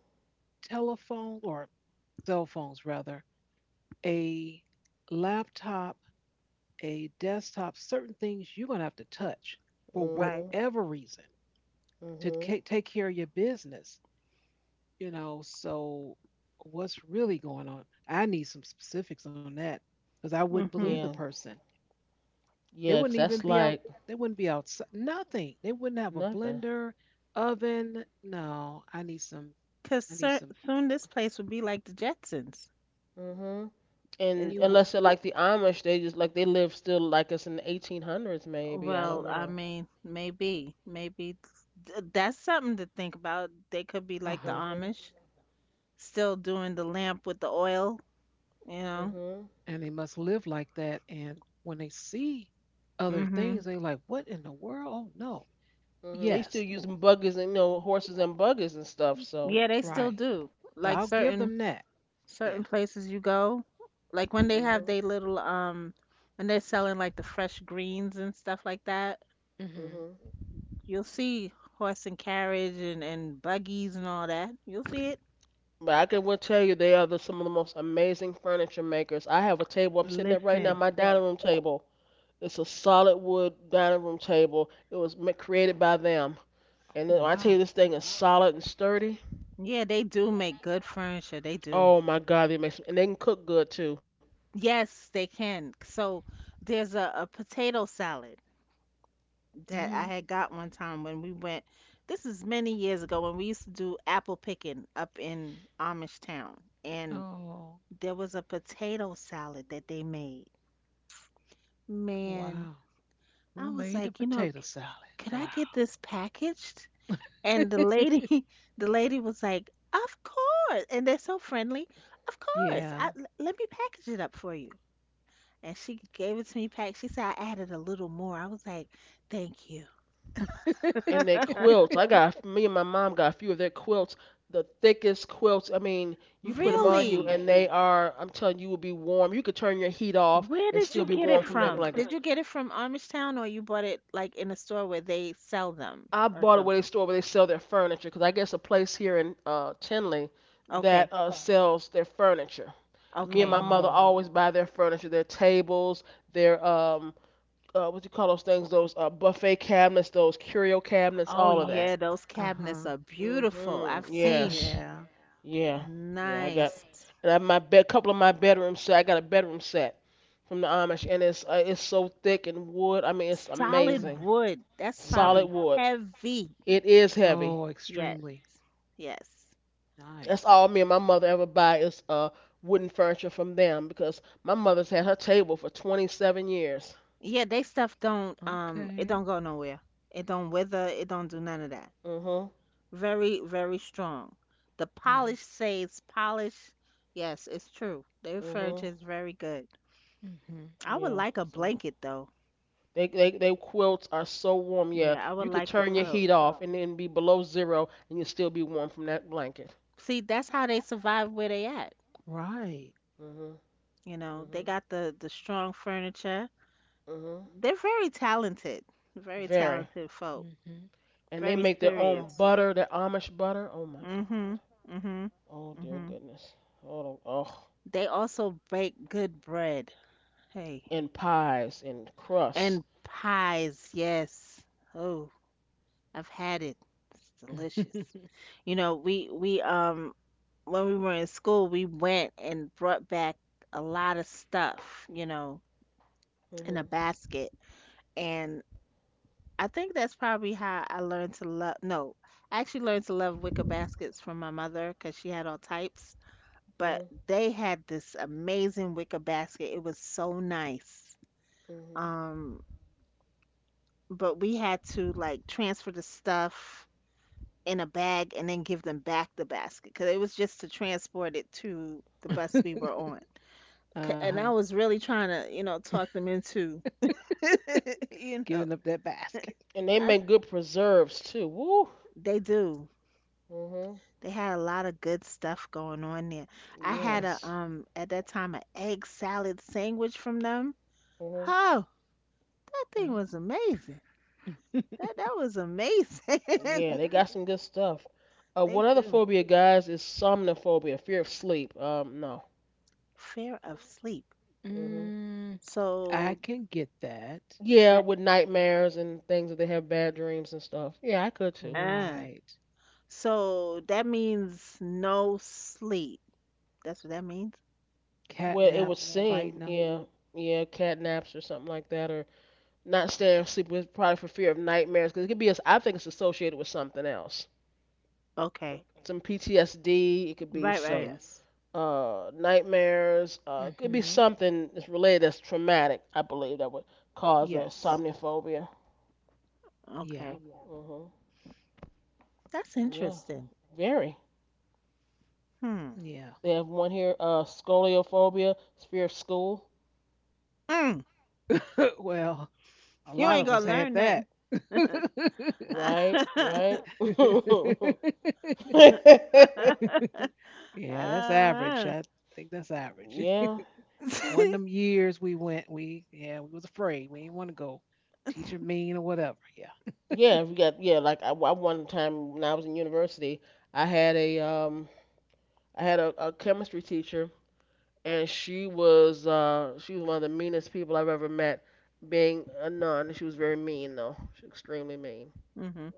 telephone, or cell phones rather, a laptop, a desktop, certain things you're going to have to touch for
Right.
Mhm.
whatever reason to
Mhm.
ca- take care of your business. You know, so what's really going on? I need some specifics on that because I wouldn't believe the
Mhm.
Yeah.
person. They
Yeah, 'cause
wouldn't even
that's
be out.
like
They wouldn't be outside. Nothing. They wouldn't have a
nothing.
blender, oven. No, I need some.
Cuz
I need some.
soon this place would be like the Jetsons.
Mhm.
You
And
It,
would.
unless they're like the Amish, they just like they live still like us in the eighteen hundreds maybe. I don't
well, I
know.
mean, maybe. Maybe th- that's something to think about. They could be
Uh
Mhm.
like the
huh.
Amish, still doing the lamp with the oil. You know?
Mhm.
And they must live like that. And when they see other
Mhm.
things, they like, what in the world? Oh no.
Hmm. They still
Yes.
using buggers and you know horses and buggers and stuff. So,
Yeah, they still
Right.
do.
So
Like
I'll give
certain
them that.
certain
Yeah.
places you go, like when they have
hmm
they little um when they're selling like the fresh greens and stuff like that,
Mhm.
hmm
you'll see horse and carriage and and buggies and all that. You'll see it.
but I can well tell you they are the, some of the most amazing furniture makers. I have a table I'm sitting at right now,
Listen.
my dining room table. It's a solid wood dining room table. It was ma- created by them,
Oh
and then, I tell you
wow.
this thing is solid and sturdy.
Yeah, they do make good furniture. They do.
Oh my God, it makes and they can cook good too.
Yes, they can. So there's a, a potato salad that I
Mhm.
had got one time when we went. This is many years ago when we used to do apple picking up in Amish Town, and
Oh
there was a potato salad that they made. Man,
wow. Who
I was
made the
like, you know,
potato
c-
salad?
could
Wow.
I get this packaged? And the
(laughs)
lady, (laughs) the lady was like, of course. And they're so friendly. Of course. I,
Yeah.
l- let me package it up for you. And she gave it to me packed. She said I added a little more. I was like, thank you.
And
(laughs)
their
(laughs)
quilts. I got me and my mom got a few of their quilts, the thickest quilts. I mean, you put them
Mm.
on you
Really?
and they are. I'm telling you, you will be warm. You could turn your heat off
Where
and
did
still
you
be
get it
warm from that
from?
blanket.
Did you get it from Amish Town, or you bought it like in a store where they sell them
I
or
bought it where they
something?
store where they sell their furniture because I guess a place here in uh, Tinley that
Okay,
uh, sells their furniture. And me and
okay.
my mother
Oh.
always buy their furniture, their tables, their um, uh, what you call those things? Those uh, buffet cabinets, those curio cabinets,
Oh
all of that.
yeah, those
Uh
cabinets
huh.
are
Mm.
beautiful.
Mhm.
I've seen.
Yes.
Yeah.
Yeah, yeah, I got. Nice.
Nice.
And I my bed, couple of my bedroom set. I got a bedroom set from the Amish, and it's uh, it's so thick and wood. I mean, it's
Hmm.
Solid
amazing,
wood. That's
Yeah.
solid
probably
wood.
heavy.
It is heavy.
Oh,
Yes.
extremely
Yes.
That's
nice.
all me and my mother ever buy is uh wooden furniture from them because my mother's had her table for twenty-seven years.
Yeah, they stuff don't um it
Okay.
don't go nowhere. It don't wither, it don't do none of that.
Mhm,
Very, very strong. The polish
Nice.
saves polish. Yes, it's true. Their furniture
mhm,
is very good.
Mm-hmm.
I
yeah.
would like a
So
blanket though.
they they they quilts are so warm. Yeah,
Yeah, I
you
would
could
like the
turn your
quilt.
heat off and then be below zero and you still be warm from that blanket.
See, that's how they survive where they at.
Right.
Mhm,
You know, they
mhm,
got the the strong furniture.
mhm.
They're very talented. Very
Very.
talented folk.
And they
Very
make their own
serious.
butter, their Amish butter. Oh my God.
Mhm. Mhm.
Oh dear
Mhm.
goodness. Oh, oh.
They also bake good bread. Hey,
And pies and crusts.
and pies. Yes. Oh, I've had it. It's delicious.
Mm-hmm.
You know, we we um when we were in school, we went and brought back a lot of stuff, you know,
Mhm.
in a basket. And I think that's probably how I learned to love no, I actually learned to love wicker baskets from my mother cuz she had all types,
Mhm.
but they had this amazing wicker basket. It was so nice.
Mhm.
Um but we had to like transfer the stuff in a bag and then give them back the basket because it was just to transport it to the
uh
bus we were on. C- And
huh.
I
(laughs)
was really trying to, you know, talk them into, (laughs) you know,
Giving up that basket.
And they
I,
make good preserves too. Woo.
they do.
Mhm.
They had a lot of good stuff going on there. I had
Mm.
a
Yes.
um at that time an egg salad sandwich from them.
Mhm.
Oh, that thing
Oh.
was amazing.
(laughs)
That that was amazing.
Yeah,
(laughs)
they got some good stuff. Uh,
They
one other
do.
phobia, guys, is somnophobia, fear of sleep. Um, no.
Fear of sleep.
Mhm.
Mm, I
So
can get that.
Yeah,
that
with nightmares and things that they have bad dreams and stuff. Yeah, I could too.
uh
Right.
So that means no sleep. That's what that means?
Well, it would
Catnaps fighting
seem,
them.
yeah, yeah, catnaps or something like that, or not staying asleep with probably for fear of nightmares, because it could be. as- I think it's associated with something else,
Okay.
some P T S D. It could be
Right, right.
some
Yes.
uh nightmares. Uh, it could be
Mm-hmm.
something that's related that's traumatic. I believe that would cause a
Yes.
somnophobia.
Yeah.
Okay.
Mhm.
That's
Yeah.
interesting.
Very.
Hmm.
Yeah.
They have one here. Uh, scoliophobia, it's fear of school.
Mm.
(laughs) Well, a
You
lot
Yeah.
of
ain't
us
gonna
Well.
had
learn
that.
nothing.
(laughs)
(laughs)
Right.
uh,
Right.
(laughs)
(laughs)
Yeah, that's average. I
(laughs)
think that's average.
Yeah.
(laughs) One of them years we went, we yeah, we was afraid. We didn't want to go. Teacher mean or whatever. Yeah.
Yeah, we got yeah. Like I, I one time when I was in university, I had a um I had a, a chemistry teacher, and she was uh she was one of the meanest people I've ever met. Being a nun, she was very mean though. She was extremely mean.
hmm.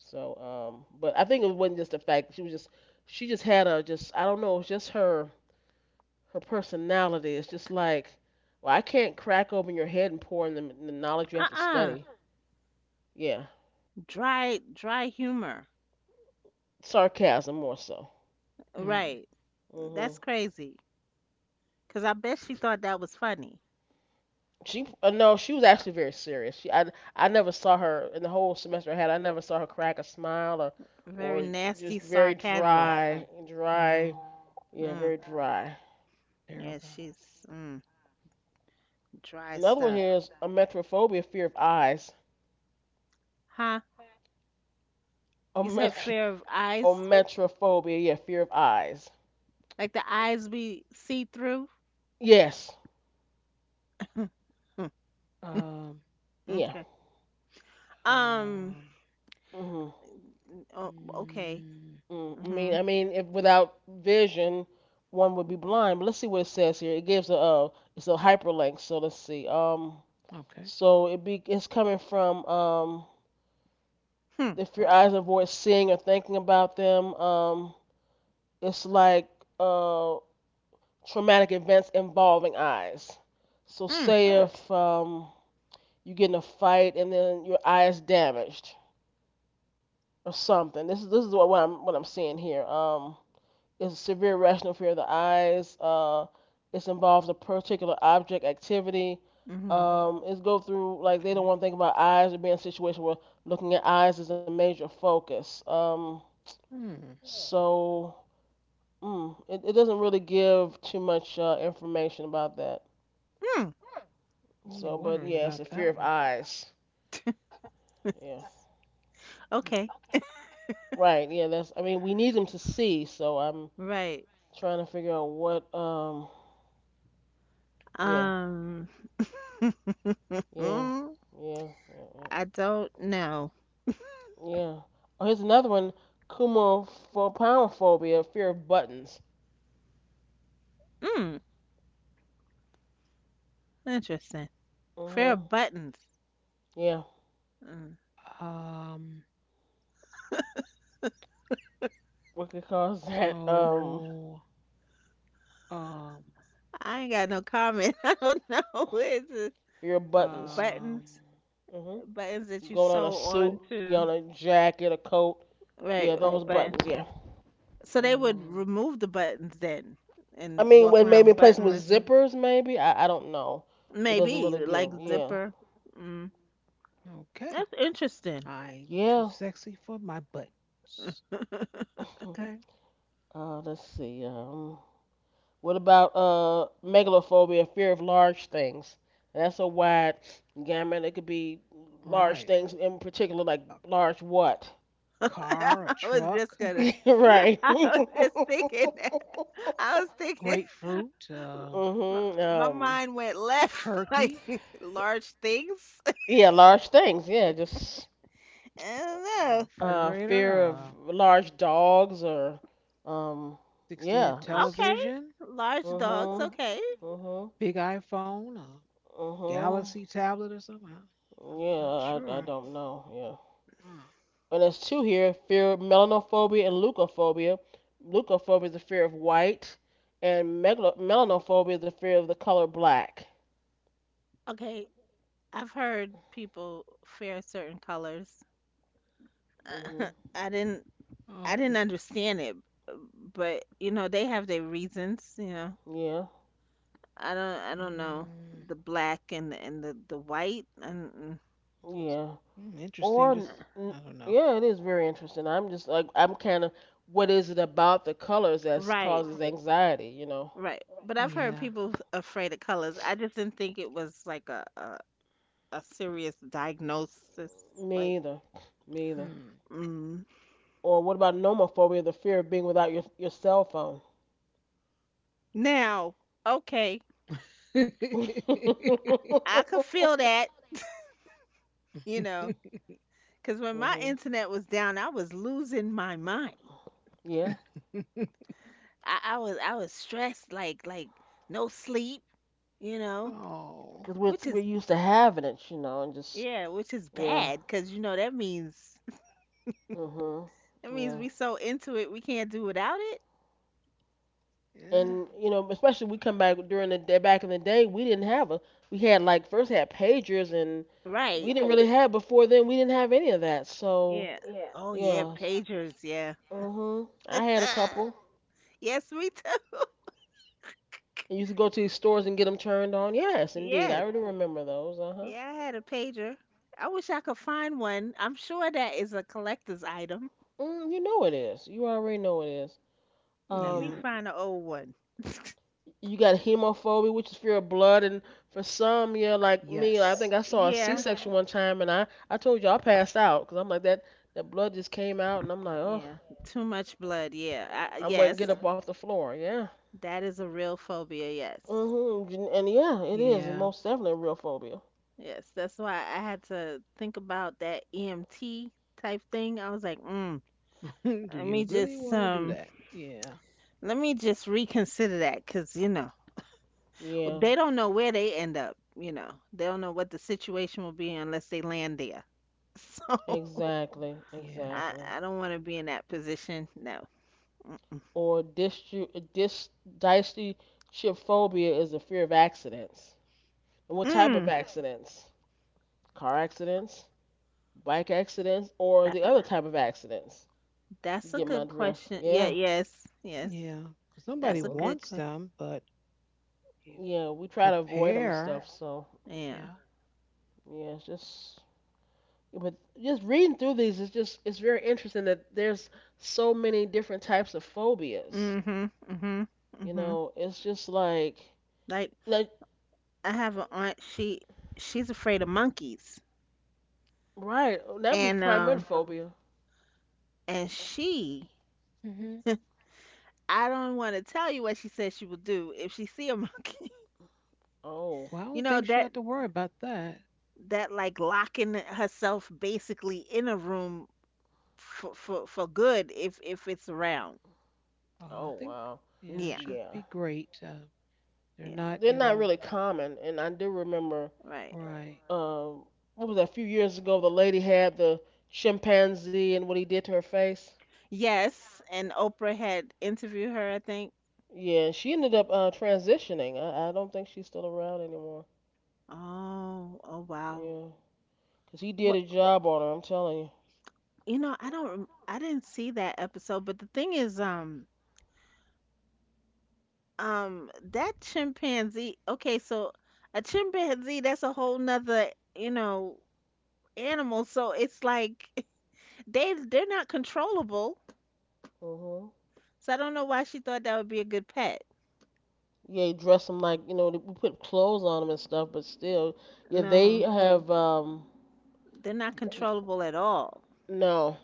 So um, but I think it wasn't just the fact that she was just she just had a just I don't know. It's just her her personality. It's just like well I can't crack open your head and pour in the, the knowledge you have to
Uh-uh.
study. Yeah,
Dry, dry humor.
sarcasm more so.
Right.
Mm.
That's
Mhm.
crazy. Cause I bet she thought that was funny.
She uh, no, she was actually very serious. She I I never saw her in the whole semester I had. I never saw her crack a smile or
Very
or
nasty
just very
sarcasm.
dry, dry.
Wow.
Yeah,
Mm.
very dry.
Yeah,
Terrible.
she's mm, dry
Another one
stuff.
here is a metrophobia, fear of eyes.
Huh?
A
You said
metro,
fear of
a
eyes,
metrophobia, yeah, fear of eyes.
like the eyes we see through.
Yes,
Hmm, (laughs)
Um.
yeah.
okay. Um.
Um.
Mhm.
Oh, okay.
Mm,
Mm, I mean,
Mhm.
I mean, if without vision, one would be blind. But let's see what it says here. It gives a uh, it's a hyperlink. So let's see. Um,
okay.
So it be it's coming from um
Hmm.
if your eyes avoid seeing or thinking about them, um it's like uh traumatic events involving eyes. So
Mm.
say if um you get in a fight and then your eye is damaged or something. This is this is what, I'm what I'm seeing here. Um It's a severe rational fear of the eyes. Uh, it involves a particular object activity.
Mhm.
Um, it's go through like they don't
Okay.
want to think about eyes or being in a situation where looking at eyes is a major focus. Um,
Hmm.
so mm, it, it doesn't really give too much uh, information about that.
Mm.
So,
Really
but
wondering
yeah, it's a
about
fear of
that one.
eyes. Yeah,
Yes.
Okay.
right. Yeah, that's. I mean, we need them to see. So I'm
Right.
trying to figure out what. Um, yeah,
Um. (laughs)
yeah, yeah, yeah. Yeah.
I don't know.
Yeah. Oh, here's another one. Kumophobia, fear of buttons.
Hmm. Interesting. Fear
Mhm.
of buttons.
Yeah.
Mm.
Mm. Um.
What could cause (laughs) that? Um,
So. Um.
I ain't got no comment. (laughs) I don't know. (laughs) It's uh,
fear of buttons.
Um.
buttons,
Mhm.
buttons that you
Going on a
sew
suit,
on
you
to.
on a jacket, a coat.
Right.
Yeah, those
But
buttons. Yeah.
so they would
Oh.
remove the buttons then
I
and
mean,
walk
when maybe
around
replacing with
buttonless.
zippers, maybe. I I don't know. It doesn't
Maybe
really give.
like
Yeah.
zipper. Mm, that's
Okay.
interesting.
I'm
Yeah.
too sexy for my buttons.
(laughs)
(laughs)
Okay.
Uh, let's see. Um, What about uh megalophobia, fear of large things? That's a wide gamut. It could be large
Right.
things in particular, like
A
large what?
car,
I
a
was just
truck,
(laughs)
gonna.
Right.
(laughs)
(laughs)
I was just thinking that.
Mhm.
I was thinking. (laughs)
grapefruit, uh,
My, my
Um.
mind went left. (laughs) Like
turkey,
(laughs) large things. (laughs) I
Yeah, large things. Yeah, just
don't
a
know.
uh,
refrigerator,
fear of
a
large dogs or um.
60
Yeah.
inch
It's.
Okay.
television,
Large dogs.
Mhm.
Okay.
Mhm.
big iPhone, a
Mhm.
Galaxy tablet or something. I, I'm not
Yeah. I I
sure.
don't know. Yeah.
Huh.
And there's two here: fear of melanophobia and leukophobia. Leukophobia is the fear of white, and melanophobia is the fear of the color black.
Okay. I've heard people fear certain colors.
Mm.
(laughs) I didn't I
Oh.
didn't understand it, uh, but you know they have their reasons. You know,
Hmm. Yeah,
I don't I don't know
Mm,
the black and the, and the the white and and-
yeah.
mm, interesting.
Or
Just, I don't know.
yeah, it is very interesting. I'm just like I'm kind of what is it about the colors that
right
causes anxiety? You know,
right. But I've heard
Yeah.
people afraid of colors. I just didn't think it was like a a, a serious diagnosis. Like
me either, me either.
Hmm.
mm.
Or what about nomophobia, the fear of being without your your cell phone?
Now, okay,
(laughs) Mm.
I could feel that. You know,
(laughs)
because when
Hmm.
my internet was down, I was losing my mind.
Yeah,
I, I was I was stressed like like no sleep. You
(laughs)
know.
Oh.
because we're
Which is
we're used to having it, you know, and just
Yeah, which is
yeah,
bad because you know that means
mhm,
(laughs) that means
yeah,
we so into it we can't do without it.
Yeah.
and you know, especially we come back during the day back in the day, we didn't have a we had like first had pagers and we
Right.
didn't really have before then we didn't have any of that, so
Yeah. Oh yeah,
yeah,
pagers, yeah.
mhm, I had a couple.
(laughs) Yes, we took.
I used to go to these stores and get them turned on. Yes, indeed, I
Yes.
already remember those. Uh huh.
Yeah, I had a pager. I wish I could find one. I'm sure that is a collector's item.
Mm, you know it is. You already know it is.
Let me
Yeah.
Um,
find an old one.
you got hemophobia, which is fear of blood, and for some, yeah, like me, like, I think
Yes.
I saw a
Yeah.
C-section one time, and I, I told you I passed out because I'm like that that blood just came out, and I'm like, oh,
Yeah. Too much blood. Yeah. I,
I'm gonna
yes.
get up off the floor, yeah.
That is a real phobia. Yes.
Mhm. And and yeah, it is
Yeah.
most definitely a real phobia.
Yes, that's why I had to think about that E M T type thing. I was like, mm,
(laughs) Do
let me
you really
just
want to do
um,
that? Yeah.
let me just reconsider that, cause you know
Yeah,
they don't know where they end up. You know, they don't know what the situation will be unless they land there. (laughs) So
exactly,
Yeah.
I,
exactly.
I don't want to be in that position. No.
Or distri dis dystochia phobia is the fear of accidents. And what type of
Mm.
accidents? Car accidents, bike accidents, or
Uh,
the
uh,
other type of accidents?
that's a
Get my
good
drift.
question. Yeah.
Yeah.
Yes. Yes.
Yeah. Because
That's
nobody
a
Hmm.
good
wants
question.
them, but you
Yeah, we try to avoid them
prepare.
stuff. So
Yeah.
Yeah.
yeah, it's just but just reading through these is just it's very interesting that there's so many different types of phobias.
Mhm. Mhm.
You
Mhm.
know, it's just like
Like
like
I have an aunt. She she's afraid of monkeys,
right that'd be
and
primary
um,
phobia.
and she,
Hmm.
I don't want to tell you what she said she will do if she see a monkey.
Oh,
Well, I
(laughs) You
don't
know
think she
that
had to worry about that.
that like locking herself basically in a room for for for good if if it's around.
Oh,
oh
I think,
wow,
yeah,
Yeah,
she'll
yeah.
be great. Uh, they're
yeah,
not,
They're
you
not
know,
really common, and I do remember
right.
right.
um what was that, a few years ago the lady had the chimpanzee and what he did to her face.
Yes, and Oprah had interviewed her, I think.
Yeah, she ended up uh, transitioning. I, I don't think she's still around anymore.
Oh, oh wow.
Yeah, 'cause he did
Well,
a job on her. I'm telling you.
you know, I don't, rem- I didn't see that episode, but the thing is, um, um, that chimpanzee. Okay, so a chimpanzee, that's a whole nother, you know, animal. So it's like (laughs) they they're not controllable.
Mhm.
So I don't know why she thought that would be a good pet.
Yeah, he dressed them like you know they- we put clothes on them and stuff, but still, yeah, they
No,
have um.
they're not controllable at all.
No,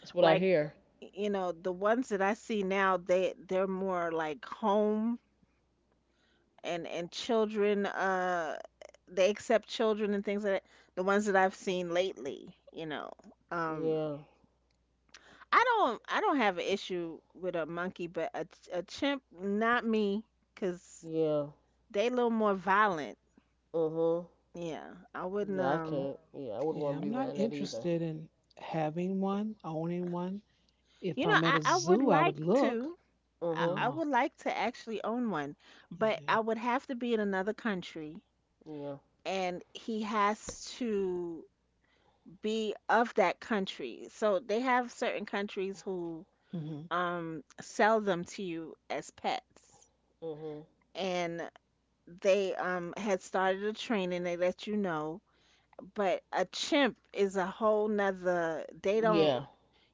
that's what I
Like,
hear.
you know, the ones that I see now, they they're more like home and and children. Uh, they accept children and things like that. The ones that I've seen lately, you know. Um,
Yeah,
I don't I don't have an issue with a monkey, but a ch- a chimp, not me, 'cause
yeah.
they a little more violent.
Mhm.
Yeah, I wouldn't.
Yeah, I
Um,
can't. Yeah, I wouldn't want
Yeah.
to be
I'm not
around that either.
interested in having one, owning one. If
you know,
I'm at
I
a
I would
zoo, I
like
would look.
to. I,
Mhm.
I
Oh,
would like to actually own one, but I
yeah.
would have to be in another country,
Yeah.
and he has to be of that country. So they have certain countries who
Hmm.
um sell them to you as pets,
Mhm.
and they um had started a training they let you know, but a chimp is a whole nother. they don't
Yeah.
Yeah.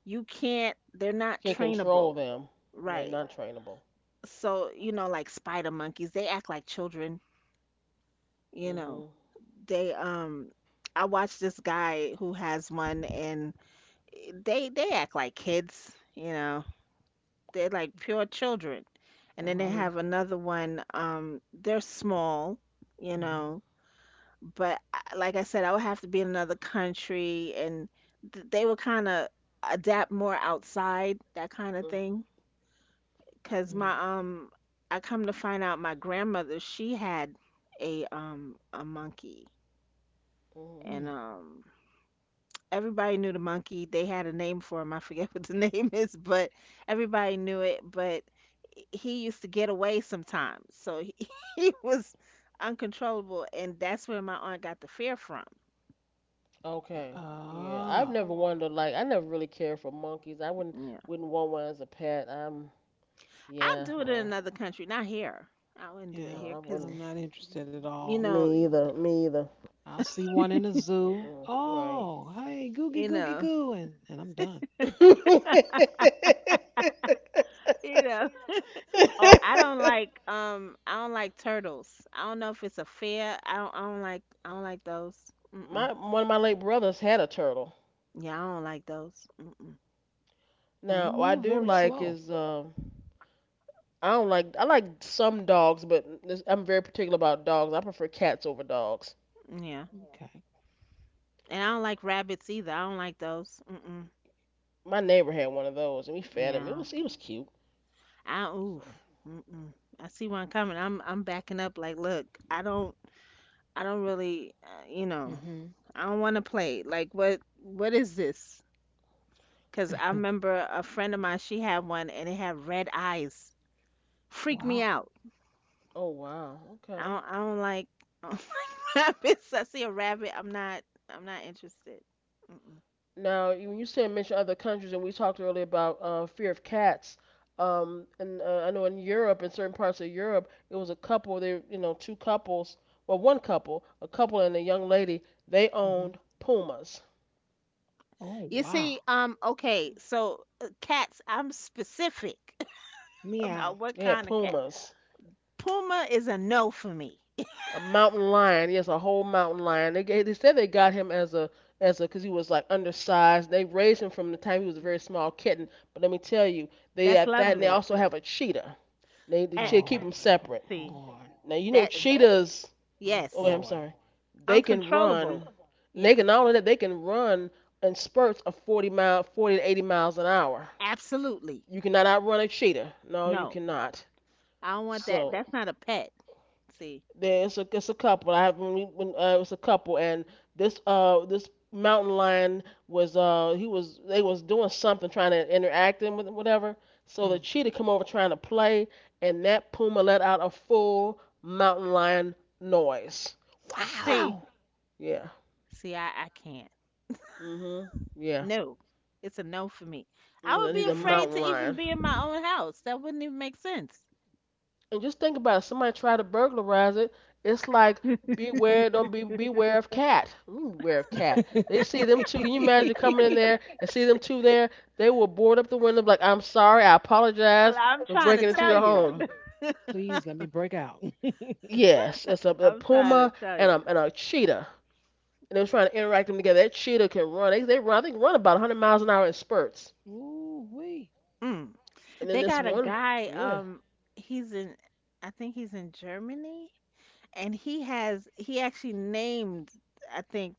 you can't They're not
Can't control
trainable,
them. They're
right?
not trainable.
So you know, like spider monkeys they act like children, you know,
Mhm.
they um I watched this guy who has one, and they they act like kids, you know, they're like pure children. And then
Well,
they
I would.
have another one, um, they're small, you
Mhm,
know. But I- like I said, I would have to be in another country, and th- they would kind of adapt more outside that kind of
Mm.
thing. Cause my
mhm.
um, I come to find out my grandmother she had a um a monkey,
Mhm.
and
Hmm.
um everybody knew the monkey. They had a name for him. I forget (laughs) what the name is, but everybody knew it. But he used to get away sometimes, so he, (laughs) he was uncontrollable, and that's where my aunt got the fear from.
Okay. Yeah. I've
Ah,
never wanted to like I never really cared for monkeys. I wouldn't
You
wouldn't want one as a pet. Um,
I'd
yeah,
do it in
no.
another country, not here. I wouldn't do it
yeah.
No,
here
I
because
wouldn't.
I'm not interested at
you
all.
know,
Me either. Me either.
I'll see one in a zoo.
Mm-mm. Right.
Oh, hey, googie
you
googie
know,
goo, and and I'm done.
(laughs)
(laughs) you know. Oh, I don't like um, I don't like turtles. I don't know if it's a fear. I don't, I don't like, I don't like those. Mm-mm.
My one of my late brothers had a turtle.
Yeah, I don't like those. Mm-mm.
Uh, He
Now, what I
moved
do
very
like
slow.
is um I don't like I like some dogs, but this- I'm very particular about dogs. I prefer cats over dogs.
Yeah,
Okay.
and I don't like rabbits either. I don't like those. Mm-mm.
My neighbor had one of those and we fed him. It
Yeah,
was he was cute.
I
So.
oof. Mm-mm. I see one coming. I'm, I'm backing up. Like, look, I don't, I don't really, uh, you know,
Mm-hmm.
I don't want to play. Like, what, what is this? Because I remember a friend of mine, she had one and it had red eyes.
(laughs)
Freaked me
Wow.
out.
Oh wow.
I
Okay.
don't, I don't like, (laughs) I don't like rabbits. I see a rabbit, I'm not, I'm not interested. Mm-mm.
Now, you- when you said mention other countries, and we talked earlier about uh, fear of cats, um, and uh, I know in Europe, in certain parts of Europe, it was a couple. They, you know, two couples. Well, one couple, a couple and a young lady. They
Mm-hmm.
owned pumas.
Oh
You see,
wow.
um, okay, so uh, cats, I'm specific (laughs) about
Meow.
what
They had
kind of cat.
pumas.
Puma is a no for me. (laughs)
A mountain lion. Yes, a whole mountain lion. They ga- they said they got him as a as a because he was like undersized. They raised him from the time he was a very small kitten. But let me tell you, they
That's
had that, and they
lovely.
also have a cheetah. They, they
And
keep them
Oh, come
separate.
see,
on.
Now you know
that,
cheetahs.
Oh
Oh, wait,
yes,
I'm
boy.
sorry. They can run.
uncontrollable.
And they
Yeah,
can not only that, they can run in spurts of forty mile, forty to eighty miles an hour.
absolutely.
You cannot outrun a cheetah. No, you
No,
cannot.
I don't want that.
So,
That's not a pet. See,
there, it's a it's a couple. I have when when uh, it was a couple, and this uh this mountain lion was uh he was they was doing something trying to interact him with whatever. So the
mm.
cheetah come over trying to play, and that puma let out a full mountain lion noise.
See,
Wow. Yeah.
See, I, I can't.
Mhm. Yeah.
No, it's a no for me. I would
Mhm.
be
He's a
Yeah.
afraid to
mountain
even
lion.
be in my own house. That wouldn't even make sense.
And just think about it. Somebody tried to burglarize it. It's like
(laughs)
beware, don't be beware of cat. Mm, beware of cat. They see them two. Can you imagine
(laughs)
coming in there and see them two there? They will board up the window like, I'm sorry, I apologize
I'm
for
trying to
breaking into
tell
your
you.
home.
Please let me break out. (laughs)
Yes, it's a,
(laughs)
a
I'm trying to
puma
tell
and
you.
a, and a cheetah. And they were trying to interact them together. That cheetah can run. They, they run. I think run about a hundred miles an hour in spurts.
Ooh wee.
Mm.
And then
They
this
got a
one,
guy.
yeah.
Um, he's in. I think he's in Germany, and he has. He actually named. I think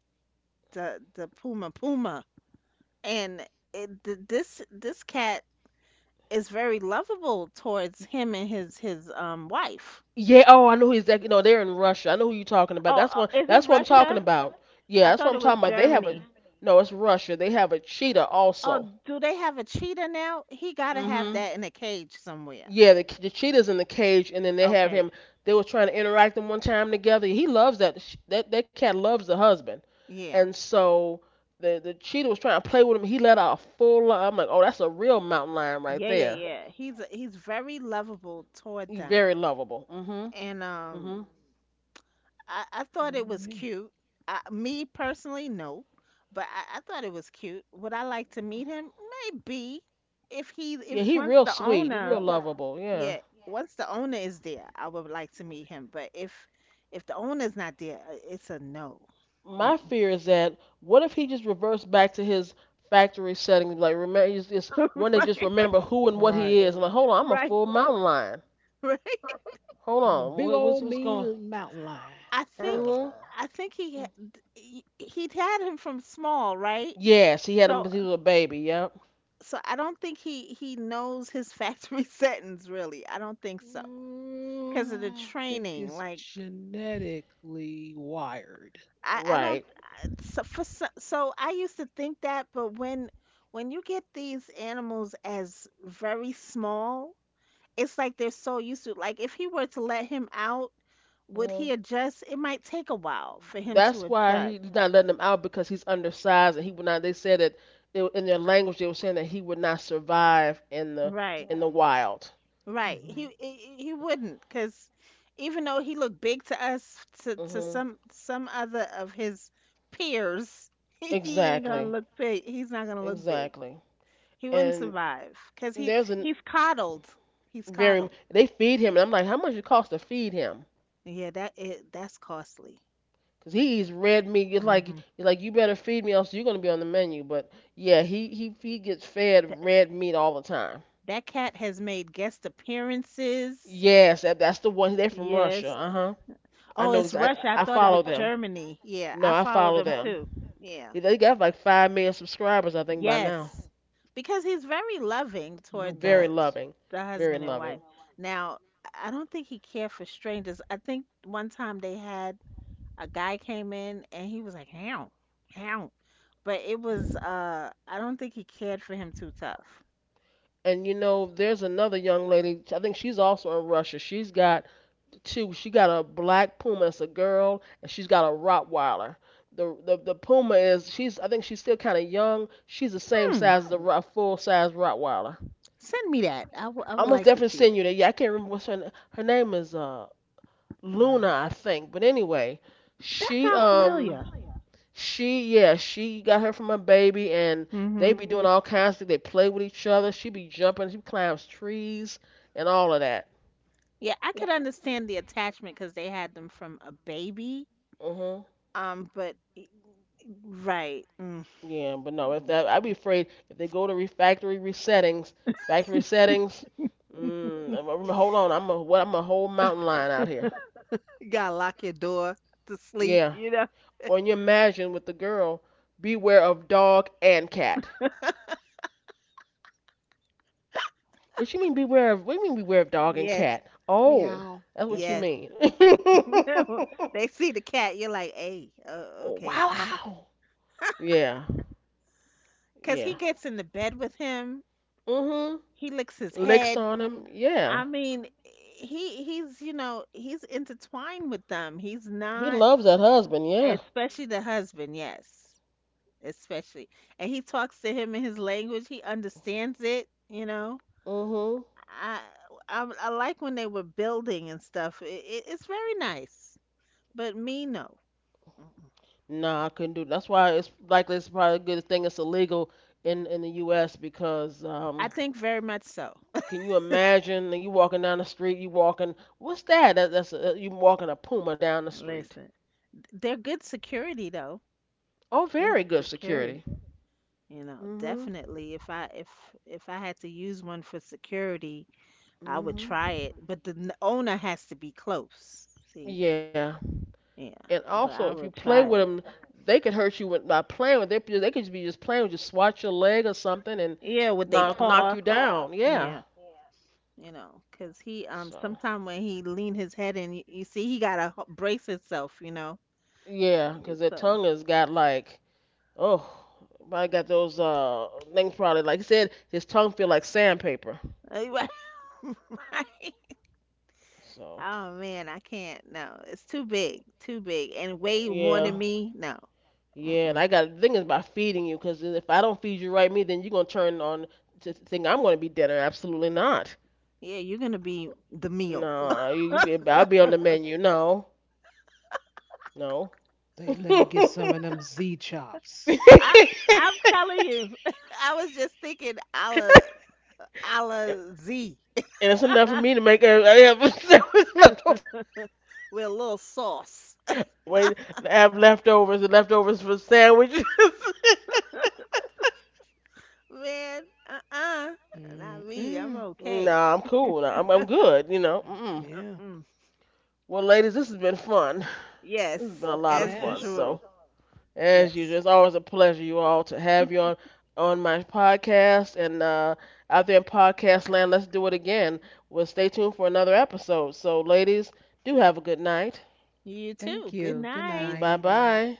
the the puma puma, and it, th- this this cat is very lovable towards him and his his um wife.
Yeah, oh, I know who exactly. No, they're in Russia. I know who you're talking about.
Oh,
That's one.
uh, is it
That's what I'm talking
Russia?
about. Yeah,
I
that's what
thought
I'm
it was
talking about. They have a
Germany.
No, it's Russia. They have a cheetah
Oh,
also.
do they have a cheetah now? He gotta have
Mhm.
that in a cage somewhere.
Yeah, the the cheetah's in the cage, and then they have him.
Okay.
They were trying to interact them one time together. He loves that. sh- That that cat loves the husband,
Yeah.
and so the the cheetah was trying to play with him. He let out a full. li- I'm like, oh, that's a real mountain lion right
Yeah, yeah,
there.
yeah. He's he's very lovable toward
He
them.
very lovable. Mhm.
And um
Mhm.
I, I thought
Ooh
it was
wee.
cute. I, me personally, no. But I, I thought it was cute. Would I like to meet him? Maybe. If he
Yeah,
if
he
Once
real
the
sweet. He
owner.
real lovable. Yeah.
Yeah, once the owner is there, I would like to meet him. But if if the owner's not there, uh, it's a no. Mm.
My fear is that what if he just reverts back to his factory setting, like remember he's just when
(laughs)
they just
Right,
remember who and what he
Right.
is. I'm like, hold on, I'm a
right,
full mountain lion.
right.
Hold
I'm a big
on, what's
old
what's going?
mean mountain lion.
I think
Hmm.
Urgh.
I think he ha- he- he'd had him from small, right?
Yes, he had him,
So
because he was a baby. Yep.
so I don't think he he knows his factory (laughs) settings really. I don't think so because of the
Mm, I think
training.
it's
Like
genetically wired.
I I don't
Right.
I- so for so, so I used to think that, but when when you get these animals as very small, it's like they're so used to, like, if he were to let him out, would
Hmm.
he adjust? It might take a while for him to
That's why
adjust.
he's not letting him out because he's undersized, and he would not. They said that they, were- in their language, they were saying that he would not survive in the
Right,
in the wild.
right,
Hmm.
he he, he wouldn't, because even though he looked big to us, to, to
Hmm.
some some other of his peers, (laughs) he ain't gonna
Exactly.
look big, he's not gonna look big,
Exactly.
he wouldn't
And
survive because he
there's an
he's coddled, he's
very m-
coddled.
they feed him, and I'm like, how much it cost to feed him,
Yeah, that it, that's costly.
because he eats red meat. It's like, it's
Hmm.
like you better feed me, else you're going to be on the menu. But yeah, he, he he gets fed
That,
red meat all the time.
that cat has made guest appearances.
Yes, that, that's the one. They're from Russia,
Yes.
uh-huh. i
Oh,
know
it's
exactly
Russia. I
i I
thought it
follow
was
them.
Germany. Yeah,
No
I
I
follow
follow
them
them.
too. Yeah.
Yeah, they got like five million subscribers, I think, by now.
Yes. Because he's very loving
No
toward
Very
the
bots.
loving.
the
Very
husband and
loving.
wife. Now, I I don't think he cared for strangers. I think one time they had a guy came in and he was like, "How? How?" But it was uh I don't think he cared for him too tough.
And you know, there's another young lady, I think she's also in Russia. She's got too. She got a black puma. It's a girl, and she's got a Rottweiler. The the, the puma is, she's I think she's still kind of young. She's the same
Hmm.
size as a, Ro- full size Rottweiler.
Send me that. I wou- I
I
would
must
like to
definitely
see
send
that.
you that. Yeah, I can't remember what's her na- her name is. Uh,
Wow.
Luna, I think. But anyway,
That
she
sounds familiar.
um. She, yeah, she got her from a baby, and
Mm-hmm.
they be doing all kinds of things. They play with each other. She be jumping. She climbs trees and all of that.
Yeah, I could understand the attachment because they had them from a baby.
Hmm.
Um, but y- right, mm,
Yeah, but no, if
mm,
that, I'd be
mm.
afraid if they go to re- factory resettings, factory settings. Mm, I'm, I'm- hold on, I'm a what? I'm a whole mountain lion out here.
You gotta lock your door to sleep.
Yeah.
You know.
Or you imagine with the girl, beware of dog and cat. What you mean beware of? What do you mean beware of dog and
Yes,
cat? Oh,
Meow.
that's
Ruff,
what you
yes.
ruff.
mean.
(laughs)
(laughs)
They see the cat. You're like, hey, uh,
Oh,
okay.
wow. Yeah.
Because he
Yeah.
gets in the bed with him.
Mhm.
He licks his
Licks
head.
on him. Yeah.
I mean, he he's you know he's intertwined with them. He's
He
not,
loves that husband. Yeah.
especially the husband. Yes. Especially. And he talks to him in his language. He understands it, you know.
Mhm.
I I, I like when they were building and stuff. It, it, it's very nice. But me, no. Mm-mm.
Nah, I couldn't do. That's why it's likely it's probably a good thing it's illegal in in the U S because
I
um,
think very much so.
can you imagine you walking down the street, you walking, what's that? That that's a, you walking a puma down the
(laughs)
street.
Listen, they're good security though.
Oh,
Good
very good security.
security. You know,
Mhm.
definitely. If I if if I had to use one for security, I would
Mhm.
try it. But the n- owner has to be close. See,
Yeah,
yeah.
and
But
also
I
if you
would
play
try
with
it.
them, they could hurt you with, by playing with. They they could be just playing with you, swat your leg or something, and
Yeah, with they
knock knock
paw.
you down. Yeah.
Yeah, you know, 'cause he um
So
sometime when he lean his head in, you, you see he gotta h- brace himself, you know.
yeah, 'cause their
So
tongue has got like, oh, I got those uh things probably. Like I said, his tongue feel like sandpaper.
(laughs) right. Right.
So
Oh man, I can't. No, it's too big, too big, and way more
yeah,
than me. No.
yeah, and
Mm-mm.
I got the thing is about feeding you, because if I don't feed you right, me then you're gonna turn on to think I'm gonna be dinner. Absolutely not.
Yeah, you're gonna be the meal.
No, you, you be, I'll be on the menu. No, no.
They let
(laughs)
me
And
get some of them Z chops.
I I'm telling you. (laughs) I was just thinking a la a la Z
it's
(laughs)
enough for me to make a, I have a sandwich left over.
with a little sauce.
Wait, I have leftovers and leftovers for sandwiches. (laughs)
(laughs) Man, uh-uh,
Mm.
not me. I'm
Mm,
okay.
Nah, I'm cool. Nah, I'm I'm good. You know. Mm-mm.
yeah.
Uh-uh.
Well, ladies, this has been fun. (laughs) This has
Yes,
been a lot of
as
fun.
Yes.
So,
usual.
as
Yes.
usual, it's always a pleasure, you all, to have you on on my podcast and uh, out there in podcast land. Let's do it again. Well, stay tuned for another episode. So, ladies, do have a good night.
You
Thank
too. Good
you. Good
night.
Bye
night.
bye.